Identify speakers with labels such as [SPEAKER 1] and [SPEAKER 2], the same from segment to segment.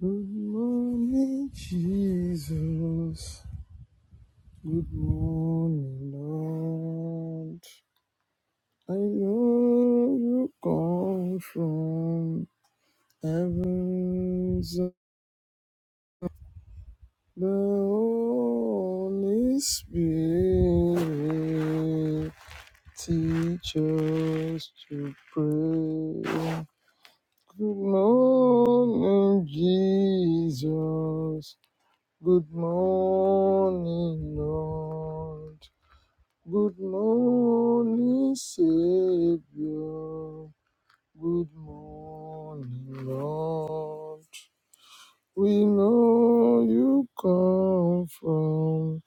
[SPEAKER 1] Good morning, Jesus. Good morning, Lord. I know you come from heaven, The Holy Spirit teach us to pray. Good morning, Jesus. Good morning, Lord. Good morning, Savior. Good morning, Lord. We know you come from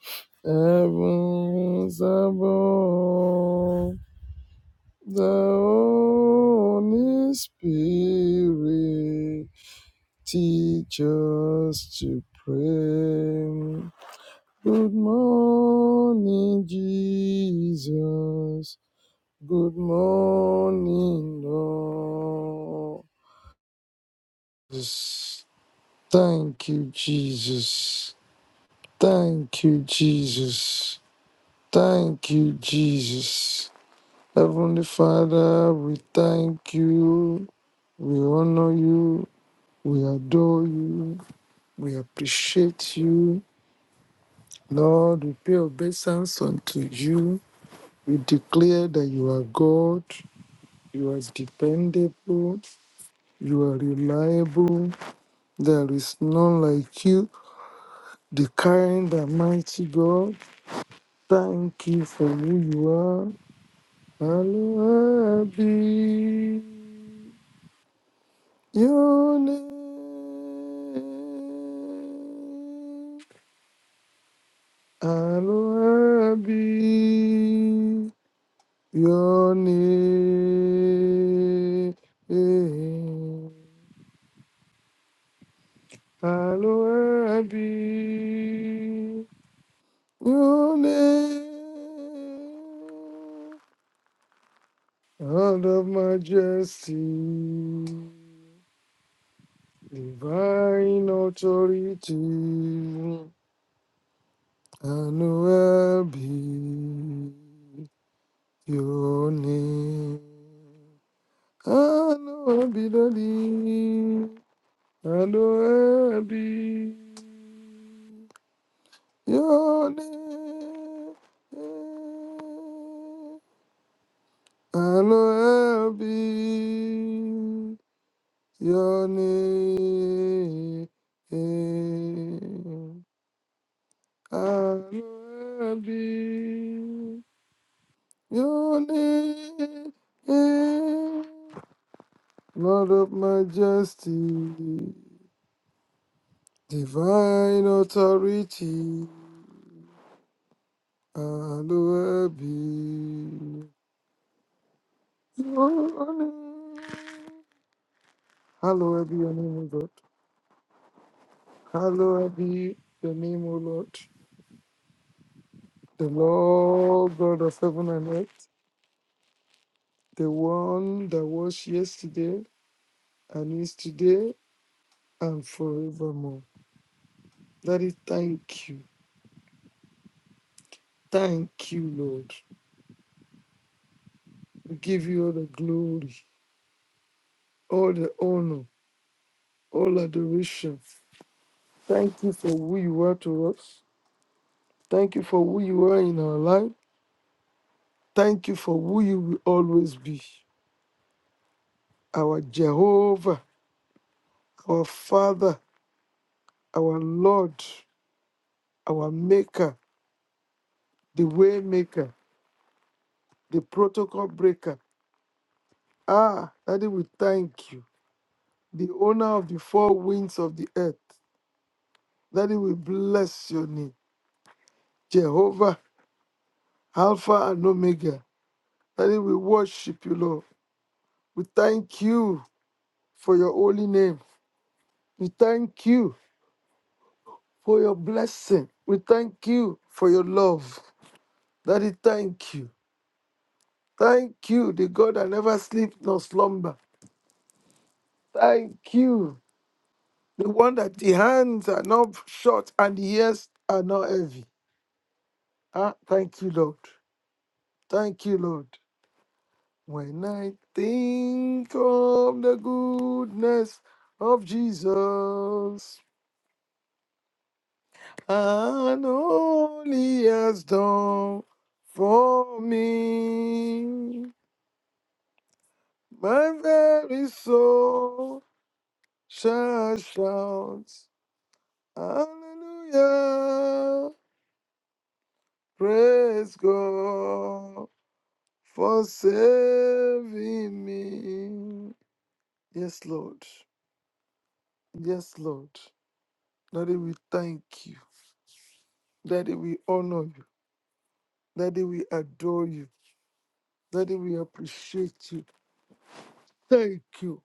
[SPEAKER 1] heavens above. The Holy Spirit teach us to pray. Good morning, Jesus. Good morning, Lord. Just Thank you, Jesus. Thank you, Jesus. Thank you, Jesus. Heavenly Father, we thank you. We honor you. We adore you. We appreciate you. Lord, we pay obeisance unto you. We declare that you are God. You are dependable. You are reliable. There is none like you, the kind and mighty God. Thank you for who you are. Hallelujah. Your name, Aloha be your name, Aloha be your name, All of majesty, divine authority, Emmanuel be your name. Emmanuel be the name, Emmanuel be your name. Emmanuel be Your name I'll be. Your name, Lord of Majesty, Divine Authority, I'll be. Your name, hallowed be your name, O God. Hallowed be your name, O Lord, the Lord God of heaven and earth. the one that was yesterday and is today and forevermore. Daddy, thank you. Thank you, Lord. We give you all the glory, all the honor, all adoration. Thank you for who you are to us. Thank you for who you are in our life. Thank you for who you will always be. Our Jehovah, our Father, our Lord, our Maker, the Waymaker, the Protocol Breaker. Ah, Daddy, we thank you. the owner of the four winds of the earth. That it will bless your name. Jehovah, Alpha and Omega. That it will worship you, Lord. We thank you for your holy name. We thank you for your blessing. We thank you for your love. Daddy, thank you. Thank you, the God that never sleeps nor slumber. Thank you, the one that the hands are not short and the ears are not heavy. Ah, thank you, Lord. Thank you, Lord. When I think of the goodness of Jesus and all he has done for me, my very soul shall shout, Hallelujah! Praise God for saving me. Yes, Lord. Yes, Lord. Daddy, we thank you. Daddy, we honor you. Daddy, we adore you. Daddy, we appreciate you. Thank you.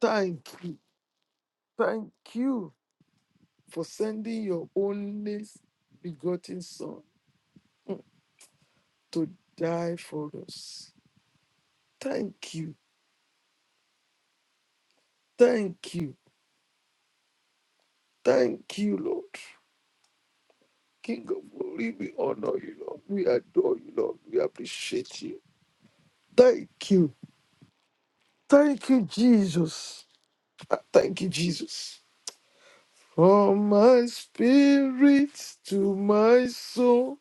[SPEAKER 1] Thank you. Thank you for sending your only begotten Son to die for us. Thank you. Thank you. Thank you, Lord. King of glory, we honor you, Lord. We adore you, Lord. We appreciate you. Thank you. Thank you, Jesus. Ah, Thank you, Jesus. From my spirit to my soul,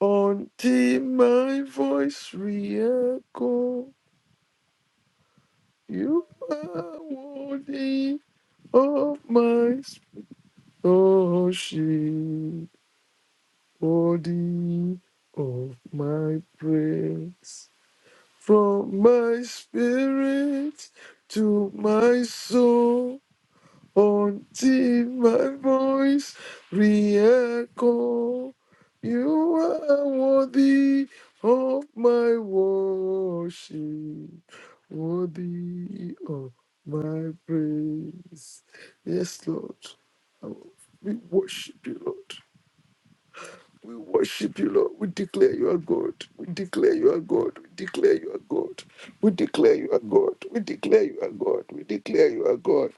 [SPEAKER 1] until my voice re-echo, you are worthy of my worship, worthy of my praise. From my spirit to my soul. Until my voice re-echo, you are worthy of my worship, worthy of my praise. Yes, Lord, we worship you, Lord. We worship you, Lord. We declare you are God. We declare you are God. We declare you are God. We declare you are God. We declare you are God. We declare you are God.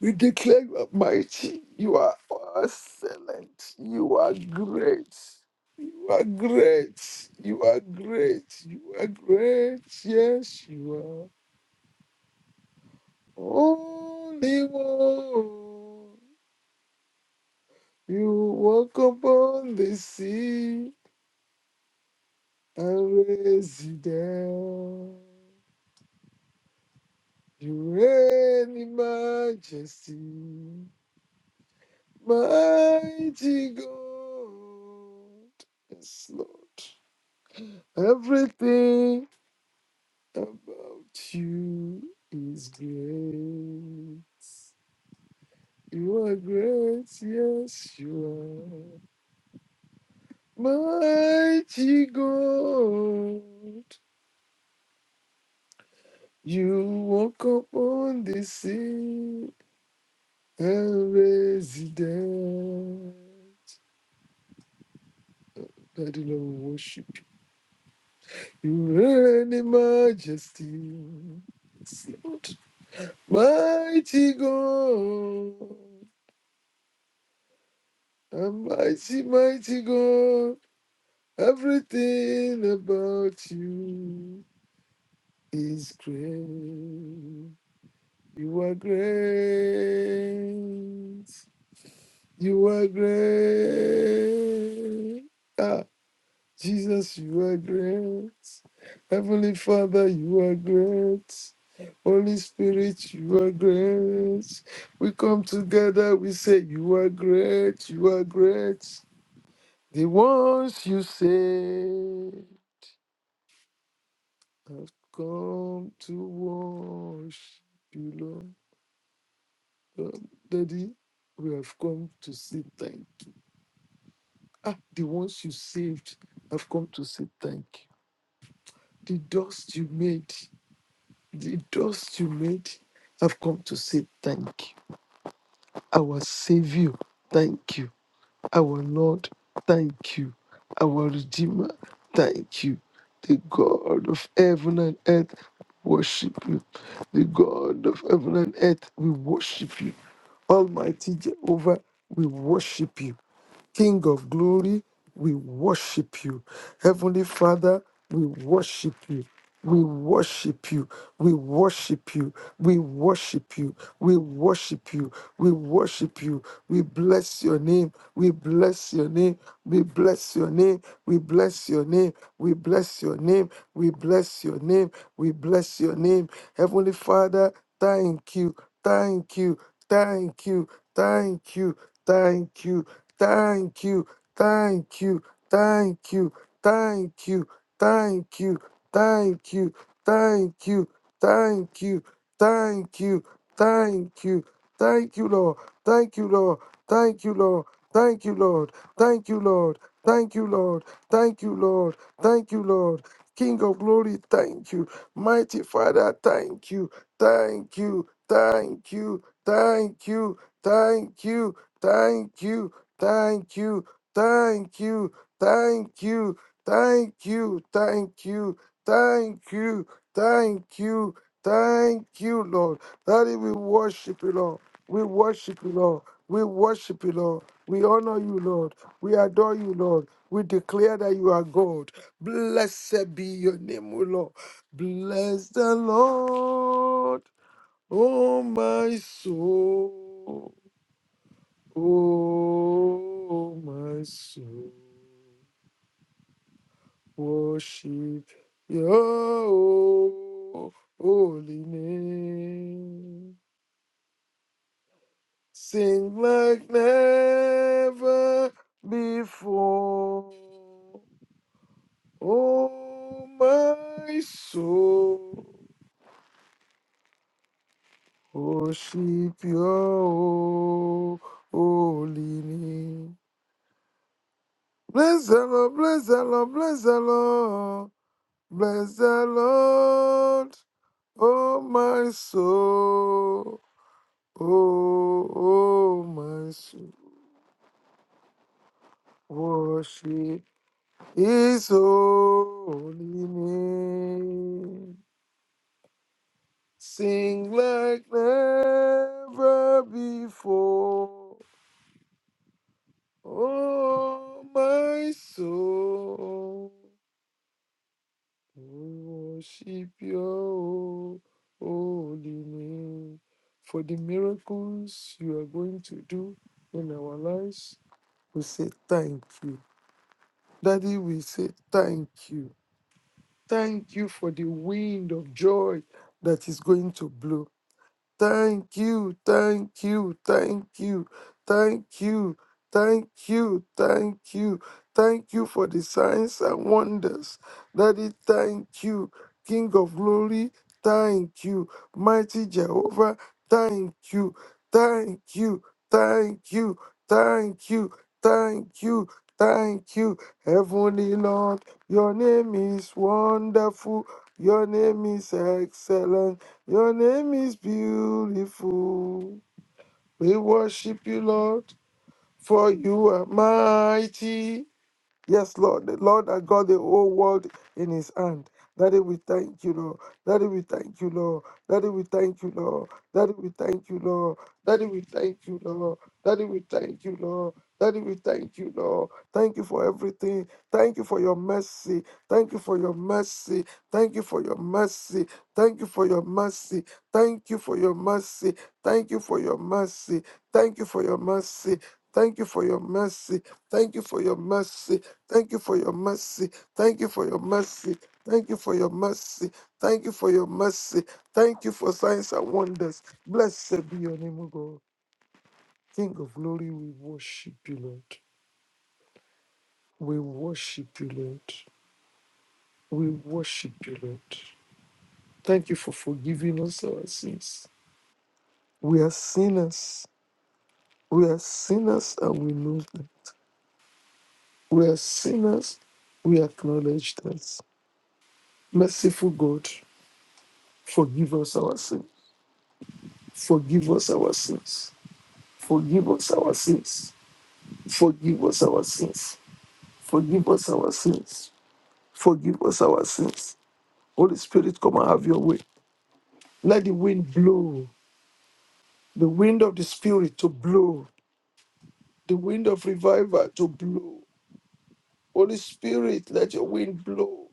[SPEAKER 1] We declare you are mighty. You are excellent. You are great. You are great. You are great. You are great. Yes, you are. only one. You walk upon the sea and raise it down. You reign in majesty. Mighty God. Yes, Lord. Everything about you is great. You are great, yes, you are. Mighty God, you walk upon the sea and raise it down. That the Lord worship you. You reign in majesty. Mighty God. A mighty, mighty God, everything about you is great. You are great. You are great. Ah, Jesus, you are great. Heavenly Father, you are great. Holy Spirit, you are great. We come together, we say, You are great, you are great. The ones you say have come to worship you, Lord. Um, Daddy, we have come to say thank you. Ah, the ones you saved have come to say thank you. The dust you made, the dust you made have come to say thank you. Our Savior, thank you. Our Lord, thank you. Our Redeemer, thank you. The God of heaven and earth, worship you. The God of heaven and earth, we worship you. Almighty Jehovah, we worship you. King of glory, we worship you. Heavenly Father, we worship you. We worship you. We worship you. We worship you. We worship you. We worship you. We bless your name. We bless your name. We bless your name. We bless your name. We bless your name. We bless your name. We bless your name. Heavenly Father, thank you. Thank you thank you, thank you, thank you, thank you, thank you, thank you, thank you, thank you, thank you, thank you, thank you, thank you, thank you, thank you, Lord, thank you, Lord, thank you, Lord, thank you, Lord, thank you, Lord, thank you, Lord, thank you, Lord, thank you, Lord. King of glory, thank you. Mighty Father, thank you thank you, thank you, thank you, thank you, thank you, thank you, thank you, thank you, thank you, thank you, thank you, thank you, thank you, Lord. Daddy, we worship you, Lord. We worship you, Lord. We worship you, Lord. We honor you, Lord. We adore you, Lord. We declare that you are God. Blessed be your name, O Lord. Bless the Lord, oh my soul, oh my soul, worship your holy name. Sing like never before, oh my soul. Worship your holy name. Bless the Lord, bless the Lord, bless the Lord, bless the Lord, oh my soul, oh, oh my soul. Worship his holy name. Sing like never before. Oh, my soul, worship your holy name for the miracles you are going to do in our lives. We say thank you. Daddy, we say thank you. Thank you for the wind of joy that is going to blow. Thank you, thank you, thank you, thank you, thank you, thank you, thank you for the signs and wonders. Daddy, thank you, King of glory, thank you, mighty Jehovah, thank you, thank you, thank you, thank you, thank you, thank you, Heavenly Lord, your name is wonderful, your name is excellent. Your name is beautiful. We worship you, Lord, for you are mighty. Yes, Lord. The Lord that got the whole world in his hand. Daddy, we thank you, Lord. Daddy, we thank you, Lord. Daddy, we thank you, Lord. Daddy, we thank you, Lord. Daddy, we thank you, Lord. Daddy, we thank you, Lord. Daddy, we thank you, Lord. Thank you for everything. Thank you for your mercy. Thank you for your mercy. Thank you for your mercy. Thank you for your mercy. Thank you for your mercy. Thank you for your mercy. Thank you for your mercy. Thank you for your mercy. Thank you for your mercy. Thank you for your mercy. Thank you for your mercy. Thank you for your mercy. Thank you for your mercy. Thank you for signs and wonders. Blessed be your name, O God. King of glory, we worship you, Lord. We worship you, Lord. We worship you, Lord. Thank you for forgiving us our sins. We are sinners. We are sinners and we know that. We are sinners. We acknowledge that. Merciful God, forgive us our sins. Forgive us our sins. Forgive us our sins. Forgive us our sins. Forgive us our sins. Forgive us our sins. Holy Spirit, come and have your way. Let the wind blow, the wind of the Spirit to blow, the wind of revival to blow. Holy Spirit, let your wind blow.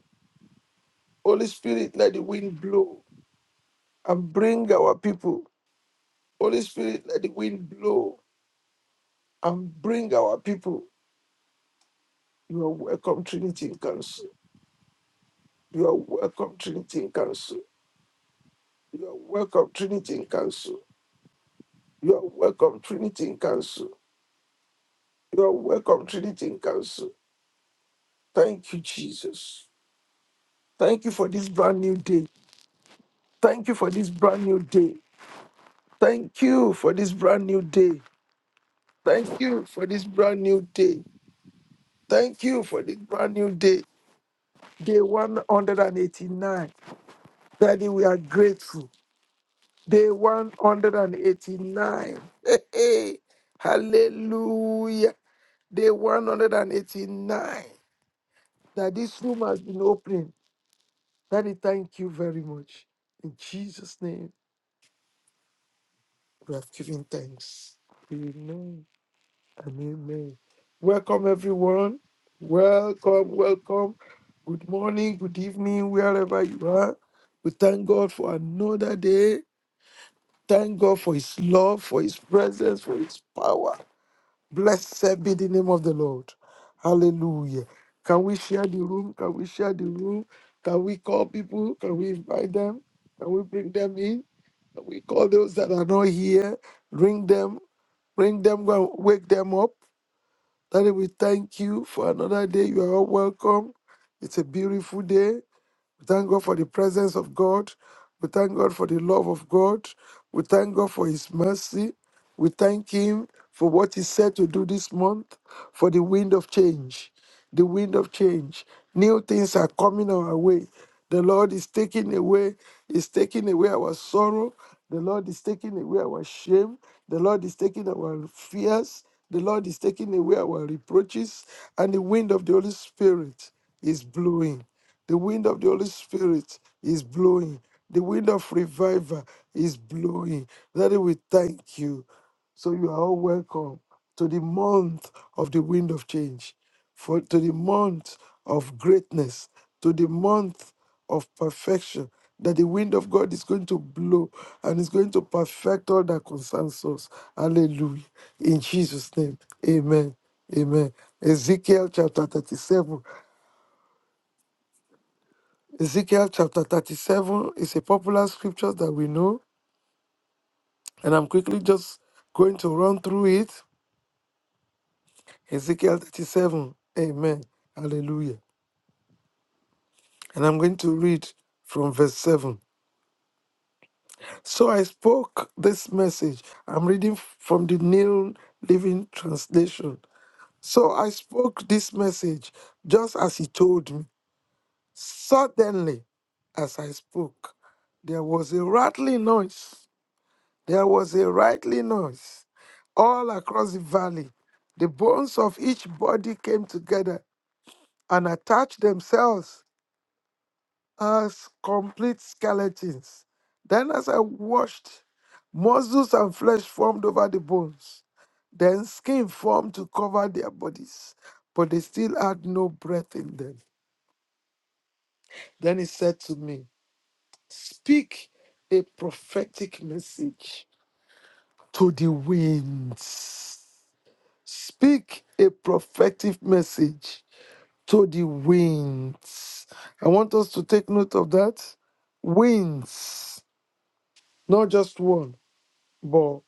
[SPEAKER 1] Holy Spirit, let the wind blow and bring our people. Holy Spirit, let the wind blow and bring our people. You are welcome, Trinity in council. You are welcome, Trinity in Council. You are welcome, Trinity in Council. You are welcome, Trinity in Council. You are welcome, Trinity in Council. Thank you, Jesus. Thank you for this brand new day. Thank you for this brand new day. Thank you for this brand new day. Thank you for this brand new day. Thank you for this brand new day. Day 189. Daddy, we are grateful. Day 189. Hey, hey. Hallelujah. Day 189 that this room has been opened. Daddy, thank you very much. In Jesus' name, we have given thanks. Amen and amen. Welcome, everyone. Welcome, welcome. Good morning, good evening, wherever you are. We thank God for another day. Thank God for His love, for His presence, for His power. Blessed be the name of the Lord. Hallelujah. Can we share the room? Can we share the room? Can we call people? Can we invite them? Can we bring them in? Can we call those that are not here? Ring them, ring them, go and wake them up. Daddy, we thank you for another day. You are all welcome. It's a beautiful day. We thank God for the presence of God. We thank God for the love of God. We thank God for His mercy. We thank Him for what He said to do this month, for the wind of change the wind of change. New things are coming our way. The Lord is taking away, is taking away our sorrow. The Lord is taking away our shame. The Lord is taking our fears. The Lord is taking away our reproaches. And the wind of the Holy Spirit is blowing. The wind of the Holy Spirit is blowing. The wind of revival is blowing. Daddy, we thank you. So you are all welcome to the month of the wind of change, for to the month of greatness, to the month of perfection, that the wind of God is going to blow and is going to perfect all that concerns us. Hallelujah. In Jesus' name. Amen. Amen. Ezekiel chapter 37. Ezekiel chapter 37 is a popular scripture that we know, and I'm quickly just going to run through it. Ezekiel 37. Amen. Hallelujah. And I'm going to read from verse 7. So I spoke this message. I'm reading from the New Living Translation. So I spoke this message just as he told me. Suddenly, as I spoke, there was a rattling noise. There was a rattling noise all across the valley. The bones of each body came together and attached themselves as complete skeletons. Then, as I watched, muscles and flesh formed over the bones. Then, skin formed to cover their bodies, but they still had no breath in them. Then he said to me, Speak a prophetic message to the winds. Speak a prophetic message to the winds. I want us to take note of that. Winds, not just one but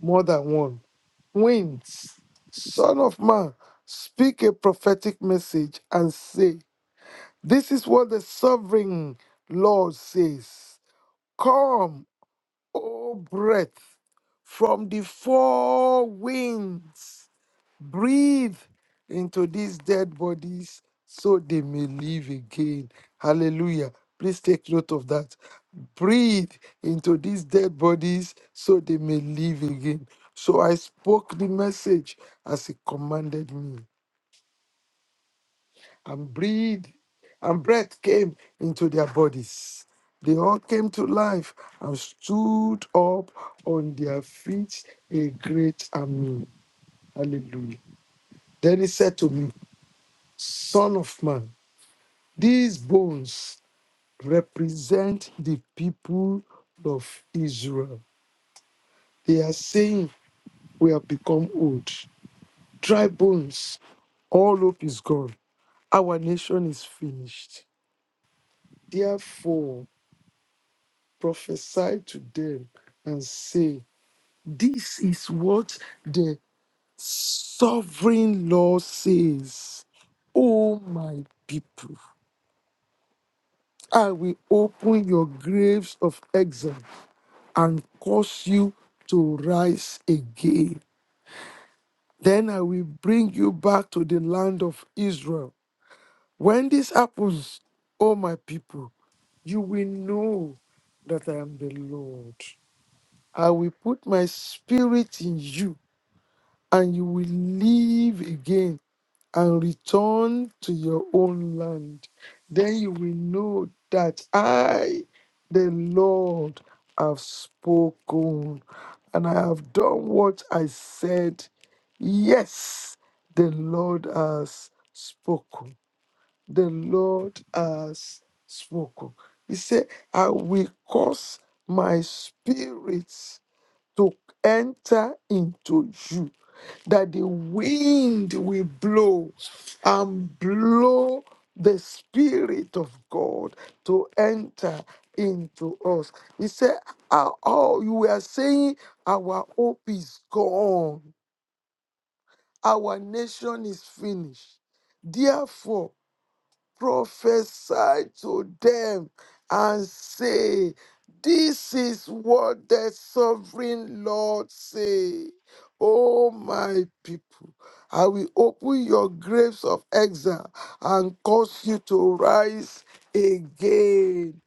[SPEAKER 1] more than one. Winds, son of man, speak a prophetic message and say, This is what the sovereign Lord says. Come, O breath, from the four winds breathe into these dead bodies so they may live again. Hallelujah. Please take note of that. Breathe into these dead bodies so they may live again. So I spoke the message as he commanded me, and breathe, and breath came into their bodies. They all came to life and stood up on their feet, a great army. Hallelujah. Then he said to me, Son of man, these bones represent the people of Israel. They are saying, We have become old, dry bones, all hope is gone, our nation is finished. Therefore, prophesy to them and say, This is what the sovereign Lord says. O my people, I will open your graves of exile and cause you to rise again. Then I will bring you back to the land of Israel. When this happens, O my people, you will know that I am the Lord. I will put my spirit in you, and you will live again and return to your own land. Then you will know that I, the Lord, have spoken and I have done what I said. Yes, the Lord has spoken. The Lord has spoken. He said, I will cause my spirit to enter into you, that the wind will blow and blow the Spirit of God to enter into us. He said, "Ah, Oh, you were saying our hope is gone, our nation is finished. Therefore, prophesy to them and say, This is what the sovereign Lord say. Oh my people, I will open your graves of exile and cause you to rise again.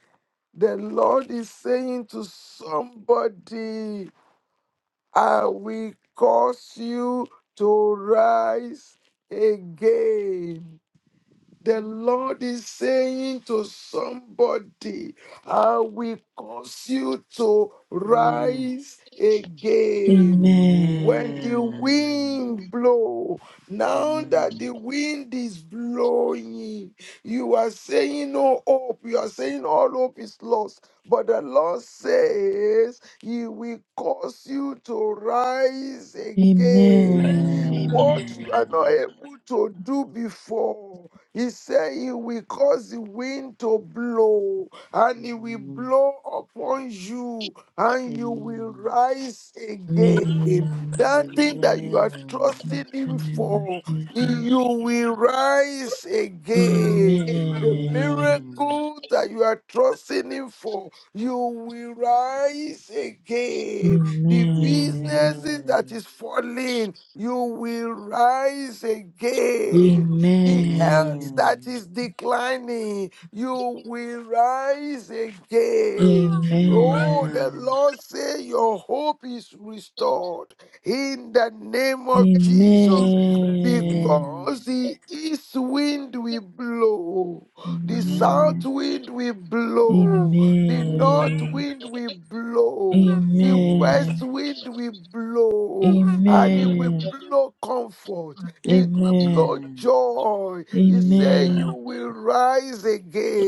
[SPEAKER 1] The Lord is saying to somebody, I will cause you to rise again. The Lord is saying to somebody, I will cause you to
[SPEAKER 2] Amen.
[SPEAKER 1] rise again.
[SPEAKER 3] Amen.
[SPEAKER 1] When the
[SPEAKER 2] Amen.
[SPEAKER 1] wind blow, now that the
[SPEAKER 2] Amen.
[SPEAKER 1] wind is blowing, you are saying no hope. You are saying all hope is lost. But the Lord says He will cause you to rise again.
[SPEAKER 2] Amen.
[SPEAKER 3] Amen.
[SPEAKER 1] What you are not able to do before. He said he will cause the wind to blow, and it will
[SPEAKER 2] Amen.
[SPEAKER 1] blow upon you, and you will
[SPEAKER 2] Amen.
[SPEAKER 1] rise again.
[SPEAKER 3] Amen.
[SPEAKER 1] That thing that you are
[SPEAKER 3] In
[SPEAKER 1] trusting
[SPEAKER 3] the
[SPEAKER 1] him
[SPEAKER 3] name of
[SPEAKER 1] for, you
[SPEAKER 3] Jesus.
[SPEAKER 1] will rise
[SPEAKER 2] Amen.
[SPEAKER 1] again. The
[SPEAKER 3] Amen.
[SPEAKER 2] Amen.
[SPEAKER 1] miracle that you are trusting him for, you will rise again. The
[SPEAKER 3] Amen.
[SPEAKER 1] businesses that is falling, you will rise again the
[SPEAKER 3] Amen.
[SPEAKER 1] health that
[SPEAKER 2] Amen.
[SPEAKER 1] is declining, you will rise again. Oh,
[SPEAKER 3] Amen.
[SPEAKER 1] the
[SPEAKER 2] Amen.
[SPEAKER 1] Lord say your hope is restored in the name of Jesus.
[SPEAKER 3] Amen. Amen.
[SPEAKER 1] Because
[SPEAKER 2] Amen.
[SPEAKER 1] the east wind will blow, the south wind will
[SPEAKER 3] Amen. Amen.
[SPEAKER 1] blow, the north wind will blow,
[SPEAKER 2] Amen.
[SPEAKER 1] the
[SPEAKER 3] Amen.
[SPEAKER 2] Amen.
[SPEAKER 1] west wind will blow, and it will
[SPEAKER 3] Amen.
[SPEAKER 1] blow comfort it will blow joy.
[SPEAKER 2] Amen.
[SPEAKER 1] He said,
[SPEAKER 2] Amen.
[SPEAKER 1] You will rise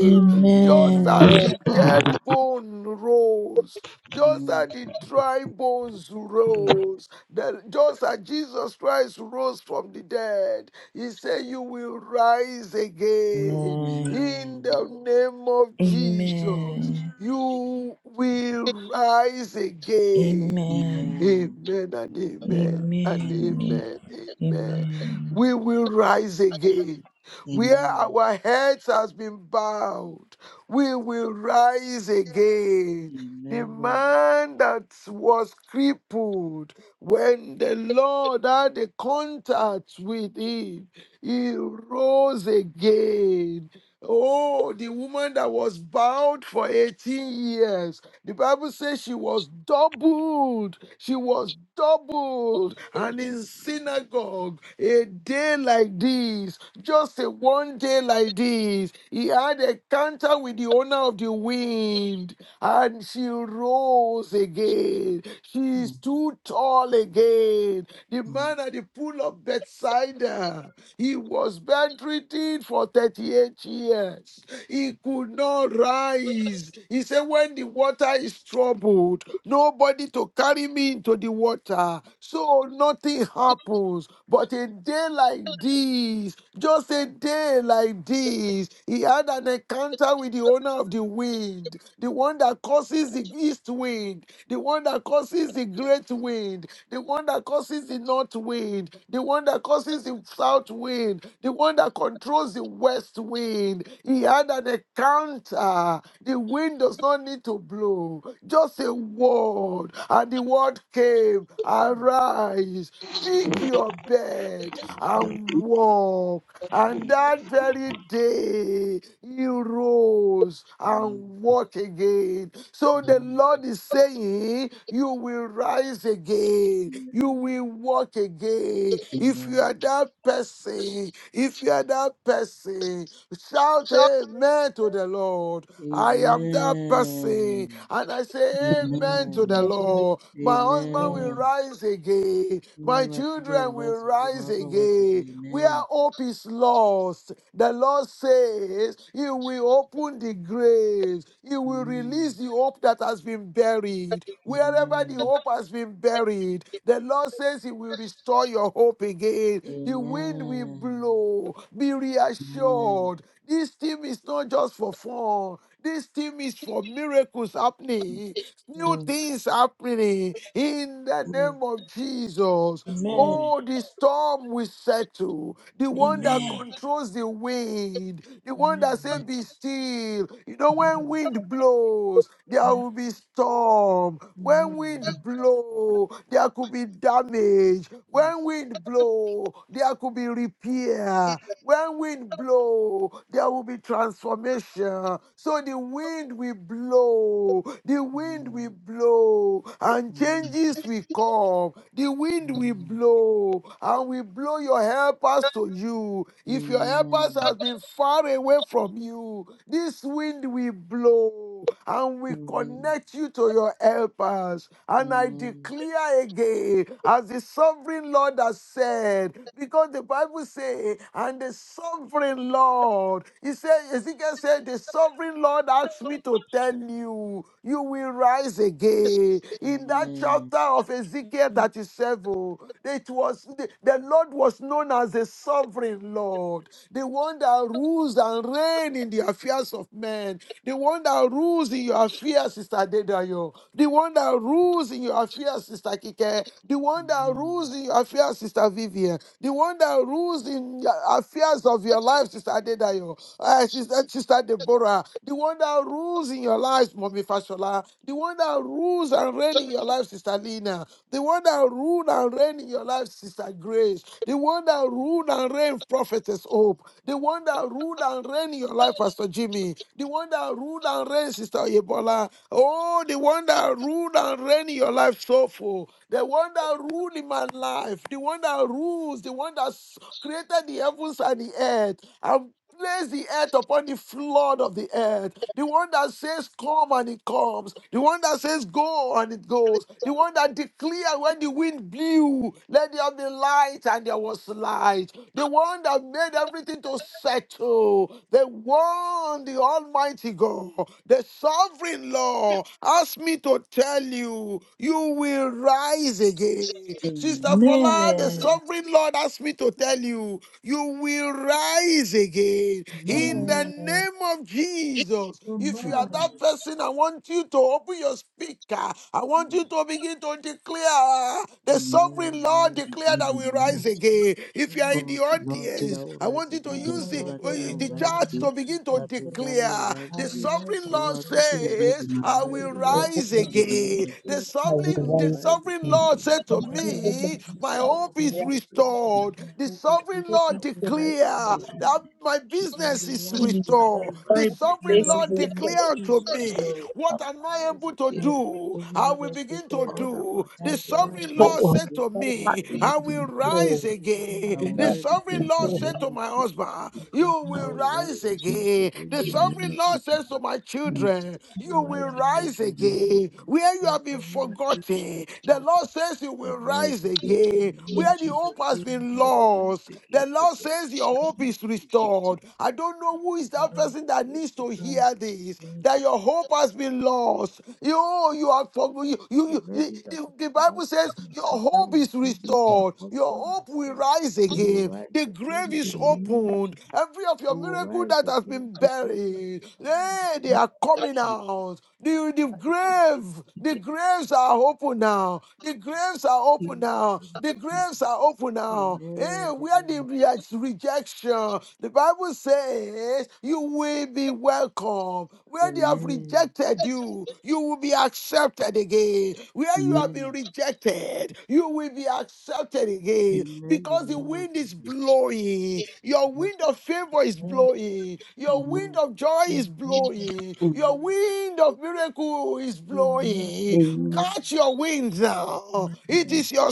[SPEAKER 3] Amen.
[SPEAKER 2] Amen.
[SPEAKER 1] Just
[SPEAKER 2] Amen. Amen.
[SPEAKER 1] as
[SPEAKER 3] Amen.
[SPEAKER 1] the
[SPEAKER 2] Amen.
[SPEAKER 1] dead bone rose, just as the dry bones
[SPEAKER 2] Amen.
[SPEAKER 1] rose, that just as Jesus Christ rose from the dead, He said, You will rise again.
[SPEAKER 3] Amen.
[SPEAKER 1] In
[SPEAKER 2] Amen.
[SPEAKER 1] the name of Jesus,
[SPEAKER 3] Amen.
[SPEAKER 2] Amen.
[SPEAKER 1] you will rise again.
[SPEAKER 3] Amen.
[SPEAKER 2] Amen.
[SPEAKER 1] Amen and amen and
[SPEAKER 2] Amen.
[SPEAKER 3] Amen.
[SPEAKER 1] amen.
[SPEAKER 3] Amen.
[SPEAKER 1] Amen.
[SPEAKER 3] Amen.
[SPEAKER 1] We will rise again. Where
[SPEAKER 2] Amen.
[SPEAKER 1] our heads has been bowed, we will rise again.
[SPEAKER 2] Amen.
[SPEAKER 1] The
[SPEAKER 2] Amen.
[SPEAKER 1] man that was crippled, when the Lord had a contact with him, he rose again. Oh, the woman that was bound for 18 years, the Bible says she was doubled. She was doubled. And in synagogue, a day like this, just a one day like this, he had a encounter with the owner of the wind. And she rose again. She is too tall again. The
[SPEAKER 2] Amen.
[SPEAKER 1] man at the pool of Bethsaida, he was bedridden for 38 years. He could not rise. He said, When the water is troubled, nobody to carry me into the water. So nothing happens. But a day like this, just a day like this, he had an encounter with the owner of the wind, the one that causes the east wind, the one that causes the great wind the one that causes the north wind, the one that causes the south wind, the one that controls the west wind. He had an encounter. The wind does not need to blow, just a word. And the word came, arise. Pick your bed and walk. And that very day, he rose and walked again. So the
[SPEAKER 2] Amen.
[SPEAKER 1] Lord is saying, You will rise again, you will walk again. If you
[SPEAKER 2] Amen.
[SPEAKER 1] are that person, if you are that person, shout amen to the Lord. I am that person. And I say amen to
[SPEAKER 2] Amen.
[SPEAKER 1] the
[SPEAKER 4] 12
[SPEAKER 1] Lord. My husband
[SPEAKER 4] range
[SPEAKER 1] will
[SPEAKER 2] Amen. Amen.
[SPEAKER 1] rise again. My
[SPEAKER 2] My children will
[SPEAKER 1] children will
[SPEAKER 2] rise again. My
[SPEAKER 1] rise
[SPEAKER 2] husband will rise again.
[SPEAKER 1] again. Where hope is lost, the Lord says He will open the graves. He will
[SPEAKER 2] Amen.
[SPEAKER 1] release the hope that has been buried. Wherever
[SPEAKER 2] Amen.
[SPEAKER 1] the hope has been buried, the Lord says He will restore your hope again. The wind will
[SPEAKER 2] Amen.
[SPEAKER 1] blow. Be
[SPEAKER 2] Amen.
[SPEAKER 1] reassured. This team is not just for fun. This team is for miracles happening. New
[SPEAKER 2] Amen.
[SPEAKER 1] things happening in the
[SPEAKER 2] Amen.
[SPEAKER 1] name of Jesus.
[SPEAKER 3] Amen.
[SPEAKER 2] Amen.
[SPEAKER 1] Oh, the storm will settle. The one that
[SPEAKER 3] Amen.
[SPEAKER 2] Amen. Amen.
[SPEAKER 1] controls the wind, the one that says, Be still. You know, when wind blows, there will be storm. When
[SPEAKER 3] Amen.
[SPEAKER 2] Amen.
[SPEAKER 1] wind blow, there could be damage. When
[SPEAKER 2] Yes.
[SPEAKER 1] wind blow, there could be repair. When wind blow, there will be transformation. So the wind will blow blow, the wind
[SPEAKER 2] Amen.
[SPEAKER 1] will blow, and
[SPEAKER 2] Amen.
[SPEAKER 1] changes will come. The wind will
[SPEAKER 2] Amen.
[SPEAKER 1] blow, and will blow your helpers to you. If your helpers
[SPEAKER 2] Amen.
[SPEAKER 1] has been far away from you, this wind will blow, and will
[SPEAKER 2] Amen.
[SPEAKER 1] connect you to your helpers. And I
[SPEAKER 2] Amen.
[SPEAKER 1] declare again, as the sovereign Lord has said, because the Bible say, and the sovereign Lord, he said, Ezekiel said, the sovereign sovereign Lord asked me to tell you, you will rise again.
[SPEAKER 2] Amen.
[SPEAKER 1] In that
[SPEAKER 2] Amen.
[SPEAKER 1] chapter of Ezekiel 37, it was the, the Lord was known as the sovereign Lord, the one that rules and reigns in the affairs of men, the one that rules in your affairs, Sister Dedayo, the one that rules in your affairs, Sister Kike, the one that rules in your affairs, Sister Vivian, the one that rules in your affairs of your life, Sister Dedayo. I sister, sister Deborah, the one that rules in your life, Mommy Fashola, the one that rules and reigns in your life, Sister Lena, the one that rules and reigns in your life, Sister Grace, the one that rules and reigns, Prophetess Hope, the one that rules and reigns in your life, Pastor Jimmy, the one that rules and reigns, Sister Yebola, oh, the one that rules and reigns in your life, Soulful, the one that rules in my life, the one that rules, the one that s- created the heavens and the earth placed the earth upon the flood of the earth. The one that says, Come and it comes. The one that says, Go and it goes. The one that declared when the wind blew, let there be light and there was light. The one that made everything to settle. The one, the Almighty God, the sovereign Lord, asked me to tell you, you will rise again. Sister
[SPEAKER 2] Amen.
[SPEAKER 1] Fola, the sovereign Lord asked me to tell you, you you will rise again in
[SPEAKER 2] Amen.
[SPEAKER 1] the
[SPEAKER 3] Amen.
[SPEAKER 1] name of Jesus. If you
[SPEAKER 2] Amen.
[SPEAKER 1] are
[SPEAKER 3] Amen.
[SPEAKER 1] that person, I want you to open your speaker. I want you to begin to declare
[SPEAKER 2] Amen.
[SPEAKER 1] the
[SPEAKER 2] I will
[SPEAKER 1] sovereign Lord
[SPEAKER 2] rise again.
[SPEAKER 1] declare that we rise
[SPEAKER 2] Amen.
[SPEAKER 1] again. If you are in the
[SPEAKER 2] Oh, the Lord said I
[SPEAKER 1] audience,
[SPEAKER 2] will
[SPEAKER 1] I
[SPEAKER 2] rise
[SPEAKER 1] want you to
[SPEAKER 2] again. The
[SPEAKER 3] Father,
[SPEAKER 1] use the,
[SPEAKER 3] Lord
[SPEAKER 2] Imperial
[SPEAKER 1] uh,
[SPEAKER 3] God,
[SPEAKER 2] children
[SPEAKER 3] in
[SPEAKER 2] will
[SPEAKER 1] the
[SPEAKER 3] the
[SPEAKER 2] rise
[SPEAKER 3] name
[SPEAKER 1] church
[SPEAKER 2] again.
[SPEAKER 1] to
[SPEAKER 3] of
[SPEAKER 1] begin to
[SPEAKER 3] Jesus,
[SPEAKER 2] The
[SPEAKER 3] Lord,
[SPEAKER 2] President will
[SPEAKER 1] declare
[SPEAKER 2] rise
[SPEAKER 3] I
[SPEAKER 1] the
[SPEAKER 2] again.
[SPEAKER 3] will love
[SPEAKER 1] sovereign
[SPEAKER 2] I
[SPEAKER 3] you.
[SPEAKER 2] will
[SPEAKER 1] Lord
[SPEAKER 2] not to see
[SPEAKER 1] says,
[SPEAKER 2] my
[SPEAKER 1] I
[SPEAKER 2] marriage
[SPEAKER 1] will
[SPEAKER 3] Because I
[SPEAKER 2] will
[SPEAKER 4] of
[SPEAKER 3] love
[SPEAKER 2] rise
[SPEAKER 1] rise
[SPEAKER 2] again.
[SPEAKER 3] you,
[SPEAKER 4] goodness
[SPEAKER 3] I
[SPEAKER 2] The Lord
[SPEAKER 1] again.
[SPEAKER 2] will
[SPEAKER 3] will
[SPEAKER 2] do.
[SPEAKER 1] The
[SPEAKER 3] love
[SPEAKER 4] I
[SPEAKER 3] you
[SPEAKER 4] will
[SPEAKER 2] I
[SPEAKER 1] sovereign,
[SPEAKER 2] will
[SPEAKER 1] the
[SPEAKER 4] wisely
[SPEAKER 2] rise
[SPEAKER 1] sovereign
[SPEAKER 4] do.
[SPEAKER 2] again.
[SPEAKER 1] Lord
[SPEAKER 2] The Lord
[SPEAKER 1] said to
[SPEAKER 3] in
[SPEAKER 2] will
[SPEAKER 3] the
[SPEAKER 2] do.
[SPEAKER 4] Silver
[SPEAKER 3] name of
[SPEAKER 1] me,
[SPEAKER 4] mercy
[SPEAKER 1] My
[SPEAKER 3] Jesus.
[SPEAKER 2] I will
[SPEAKER 1] hope is
[SPEAKER 2] rise
[SPEAKER 4] prayer,
[SPEAKER 2] again.
[SPEAKER 1] restored
[SPEAKER 2] The Lord
[SPEAKER 1] restored.
[SPEAKER 2] will
[SPEAKER 3] My
[SPEAKER 1] The
[SPEAKER 3] hope is
[SPEAKER 1] sovereign Lord
[SPEAKER 3] restored in
[SPEAKER 4] goodness of
[SPEAKER 3] the
[SPEAKER 2] do.
[SPEAKER 1] declare
[SPEAKER 2] I will
[SPEAKER 1] that my
[SPEAKER 2] rise
[SPEAKER 3] I
[SPEAKER 2] again.
[SPEAKER 4] this
[SPEAKER 1] business
[SPEAKER 3] will
[SPEAKER 1] is
[SPEAKER 3] love
[SPEAKER 4] week.
[SPEAKER 3] you
[SPEAKER 2] I
[SPEAKER 1] restored.
[SPEAKER 2] will
[SPEAKER 1] The
[SPEAKER 4] My
[SPEAKER 2] rise
[SPEAKER 3] in
[SPEAKER 1] sovereign
[SPEAKER 2] again
[SPEAKER 3] the
[SPEAKER 4] business is
[SPEAKER 1] Lord
[SPEAKER 2] and
[SPEAKER 3] name of
[SPEAKER 1] declare
[SPEAKER 4] restored.
[SPEAKER 1] unto
[SPEAKER 3] Jesus,
[SPEAKER 1] me,
[SPEAKER 3] Lord.
[SPEAKER 2] I
[SPEAKER 1] What
[SPEAKER 2] will
[SPEAKER 1] am I
[SPEAKER 2] rise
[SPEAKER 1] able to
[SPEAKER 2] again
[SPEAKER 3] Let the
[SPEAKER 2] and
[SPEAKER 1] do?
[SPEAKER 3] children
[SPEAKER 1] I
[SPEAKER 3] of
[SPEAKER 1] will
[SPEAKER 3] us
[SPEAKER 1] begin to
[SPEAKER 3] declare
[SPEAKER 2] all
[SPEAKER 3] it.
[SPEAKER 2] that
[SPEAKER 1] do.
[SPEAKER 3] I
[SPEAKER 2] pertain
[SPEAKER 1] The
[SPEAKER 3] will
[SPEAKER 2] to me
[SPEAKER 3] rise
[SPEAKER 1] sovereign
[SPEAKER 2] will
[SPEAKER 1] Lord
[SPEAKER 2] rise
[SPEAKER 1] said
[SPEAKER 2] again
[SPEAKER 1] to
[SPEAKER 2] to
[SPEAKER 4] My
[SPEAKER 2] take
[SPEAKER 1] me,
[SPEAKER 2] the
[SPEAKER 4] family
[SPEAKER 1] I
[SPEAKER 4] is
[SPEAKER 2] mighty
[SPEAKER 1] will
[SPEAKER 3] upon
[SPEAKER 2] name of
[SPEAKER 3] him.
[SPEAKER 1] rise
[SPEAKER 4] restored.
[SPEAKER 2] Jesus.
[SPEAKER 3] I
[SPEAKER 1] again.
[SPEAKER 2] I will
[SPEAKER 4] The
[SPEAKER 3] will
[SPEAKER 1] The
[SPEAKER 3] rise
[SPEAKER 4] earth
[SPEAKER 2] rise
[SPEAKER 4] is
[SPEAKER 3] upon him.
[SPEAKER 1] sovereign
[SPEAKER 2] again
[SPEAKER 1] Lord
[SPEAKER 2] in the
[SPEAKER 4] restored.
[SPEAKER 2] name
[SPEAKER 1] said to
[SPEAKER 2] of
[SPEAKER 1] my husband,
[SPEAKER 2] Jesus.
[SPEAKER 3] The
[SPEAKER 1] You
[SPEAKER 2] I
[SPEAKER 1] will
[SPEAKER 3] name of
[SPEAKER 2] will
[SPEAKER 1] rise
[SPEAKER 2] rise
[SPEAKER 3] Jesus.
[SPEAKER 2] again to
[SPEAKER 1] again.
[SPEAKER 2] take
[SPEAKER 1] The
[SPEAKER 2] the
[SPEAKER 3] Rise
[SPEAKER 2] name
[SPEAKER 1] sovereign
[SPEAKER 3] with
[SPEAKER 2] of
[SPEAKER 3] him.
[SPEAKER 1] Lord
[SPEAKER 2] Jesus.
[SPEAKER 1] says to my
[SPEAKER 2] Next,
[SPEAKER 1] children,
[SPEAKER 2] I
[SPEAKER 1] You
[SPEAKER 2] will
[SPEAKER 1] will
[SPEAKER 3] The
[SPEAKER 2] rise
[SPEAKER 3] name
[SPEAKER 2] again
[SPEAKER 1] rise
[SPEAKER 2] in the name of
[SPEAKER 1] again. Where
[SPEAKER 2] Jesus. I
[SPEAKER 1] you
[SPEAKER 3] of
[SPEAKER 2] will
[SPEAKER 1] have
[SPEAKER 3] the
[SPEAKER 1] been
[SPEAKER 2] rise
[SPEAKER 3] Lord.
[SPEAKER 2] again.
[SPEAKER 1] forgotten, the
[SPEAKER 3] The
[SPEAKER 1] Lord says you
[SPEAKER 2] I will
[SPEAKER 1] will
[SPEAKER 2] rise
[SPEAKER 1] rise again
[SPEAKER 2] again in
[SPEAKER 1] again.
[SPEAKER 2] the name of
[SPEAKER 1] Where
[SPEAKER 3] Lord
[SPEAKER 1] the
[SPEAKER 2] Jesus.
[SPEAKER 3] will
[SPEAKER 1] hope has
[SPEAKER 3] give him
[SPEAKER 1] been
[SPEAKER 2] I will rise
[SPEAKER 1] lost,
[SPEAKER 2] again
[SPEAKER 1] the
[SPEAKER 2] today in
[SPEAKER 1] Lord says your
[SPEAKER 2] the name
[SPEAKER 1] hope is
[SPEAKER 2] of Jesus.
[SPEAKER 1] restored. I don't
[SPEAKER 2] I
[SPEAKER 1] know who
[SPEAKER 2] will
[SPEAKER 1] is that
[SPEAKER 3] power.
[SPEAKER 2] rise
[SPEAKER 1] person that
[SPEAKER 2] again
[SPEAKER 1] needs
[SPEAKER 2] today in
[SPEAKER 1] to
[SPEAKER 2] the name
[SPEAKER 3] Rise
[SPEAKER 1] hear this,
[SPEAKER 3] in
[SPEAKER 2] of
[SPEAKER 1] that
[SPEAKER 2] Jesus.
[SPEAKER 1] your hope has been lost. You, you are for you, you,
[SPEAKER 2] in
[SPEAKER 1] you the,
[SPEAKER 2] every areas
[SPEAKER 1] the
[SPEAKER 2] of
[SPEAKER 1] the
[SPEAKER 2] my life,
[SPEAKER 1] Bible says
[SPEAKER 2] my
[SPEAKER 1] your
[SPEAKER 2] sister,
[SPEAKER 1] hope
[SPEAKER 2] my
[SPEAKER 1] is
[SPEAKER 2] siblings, my
[SPEAKER 1] restored, your
[SPEAKER 2] husband,
[SPEAKER 1] hope will
[SPEAKER 2] myself.
[SPEAKER 1] rise
[SPEAKER 2] We will
[SPEAKER 1] again.
[SPEAKER 2] rise
[SPEAKER 1] The
[SPEAKER 2] again
[SPEAKER 1] grave
[SPEAKER 2] in the
[SPEAKER 1] is
[SPEAKER 2] name of
[SPEAKER 1] opened.
[SPEAKER 2] Jesus.
[SPEAKER 1] Every of your
[SPEAKER 2] We will
[SPEAKER 1] miracle
[SPEAKER 2] rise
[SPEAKER 1] that has
[SPEAKER 2] again
[SPEAKER 1] been
[SPEAKER 2] today like the
[SPEAKER 1] buried,
[SPEAKER 2] power and the
[SPEAKER 1] hey, they are
[SPEAKER 2] blood.
[SPEAKER 1] coming
[SPEAKER 2] She
[SPEAKER 1] out. The, the
[SPEAKER 2] fight
[SPEAKER 1] grave, the
[SPEAKER 2] again
[SPEAKER 1] graves are open now. The graves are
[SPEAKER 2] in the
[SPEAKER 1] open now.
[SPEAKER 2] name of
[SPEAKER 1] The graves
[SPEAKER 2] Jesus.
[SPEAKER 1] are open now. Hey,
[SPEAKER 2] Amen.
[SPEAKER 1] where
[SPEAKER 2] Amen.
[SPEAKER 1] the re- rejection? The Bible says you will be welcome. Where they have rejected you, you will be accepted again. Where you have
[SPEAKER 2] Amen.
[SPEAKER 1] been
[SPEAKER 2] Amen.
[SPEAKER 1] rejected, you will be accepted again.
[SPEAKER 2] Amen. The
[SPEAKER 1] Because the
[SPEAKER 2] name of
[SPEAKER 1] wind is
[SPEAKER 2] Jesus.
[SPEAKER 1] blowing. Your
[SPEAKER 2] Amen.
[SPEAKER 1] wind of favor is
[SPEAKER 3] air.
[SPEAKER 1] blowing. Your wind
[SPEAKER 2] Amen.
[SPEAKER 1] of joy is
[SPEAKER 3] Amen.
[SPEAKER 1] blowing. Your
[SPEAKER 2] Amen.
[SPEAKER 1] wind of miracle is
[SPEAKER 3] Amen.
[SPEAKER 1] blowing.
[SPEAKER 2] Amen.
[SPEAKER 1] Catch your wind now. It
[SPEAKER 2] Amen.
[SPEAKER 1] is your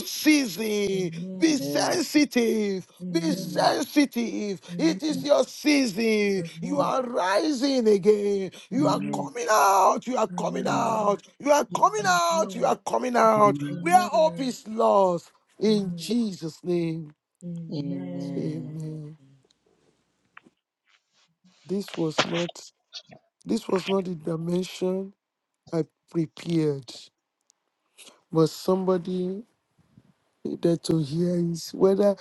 [SPEAKER 3] Amen. Amen.
[SPEAKER 1] season.
[SPEAKER 3] Amen.
[SPEAKER 1] Be sensitive.
[SPEAKER 3] Amen.
[SPEAKER 1] Be
[SPEAKER 3] Amen.
[SPEAKER 1] sensitive. It
[SPEAKER 3] Amen.
[SPEAKER 1] is your season. You are rising again. You
[SPEAKER 2] Amen.
[SPEAKER 1] are
[SPEAKER 2] Amen.
[SPEAKER 1] coming out. You are coming
[SPEAKER 2] Amen.
[SPEAKER 1] out. You are coming
[SPEAKER 2] Amen.
[SPEAKER 1] out. You are
[SPEAKER 3] Amen.
[SPEAKER 1] coming out. Where
[SPEAKER 2] Amen.
[SPEAKER 3] Amen.
[SPEAKER 1] hope
[SPEAKER 3] Amen.
[SPEAKER 1] is lost. In
[SPEAKER 3] Amen.
[SPEAKER 1] Jesus' name.
[SPEAKER 2] Amen.
[SPEAKER 3] Amen.
[SPEAKER 1] Amen. This was not this was not the dimension I prepared. But somebody needed to hear it. Whether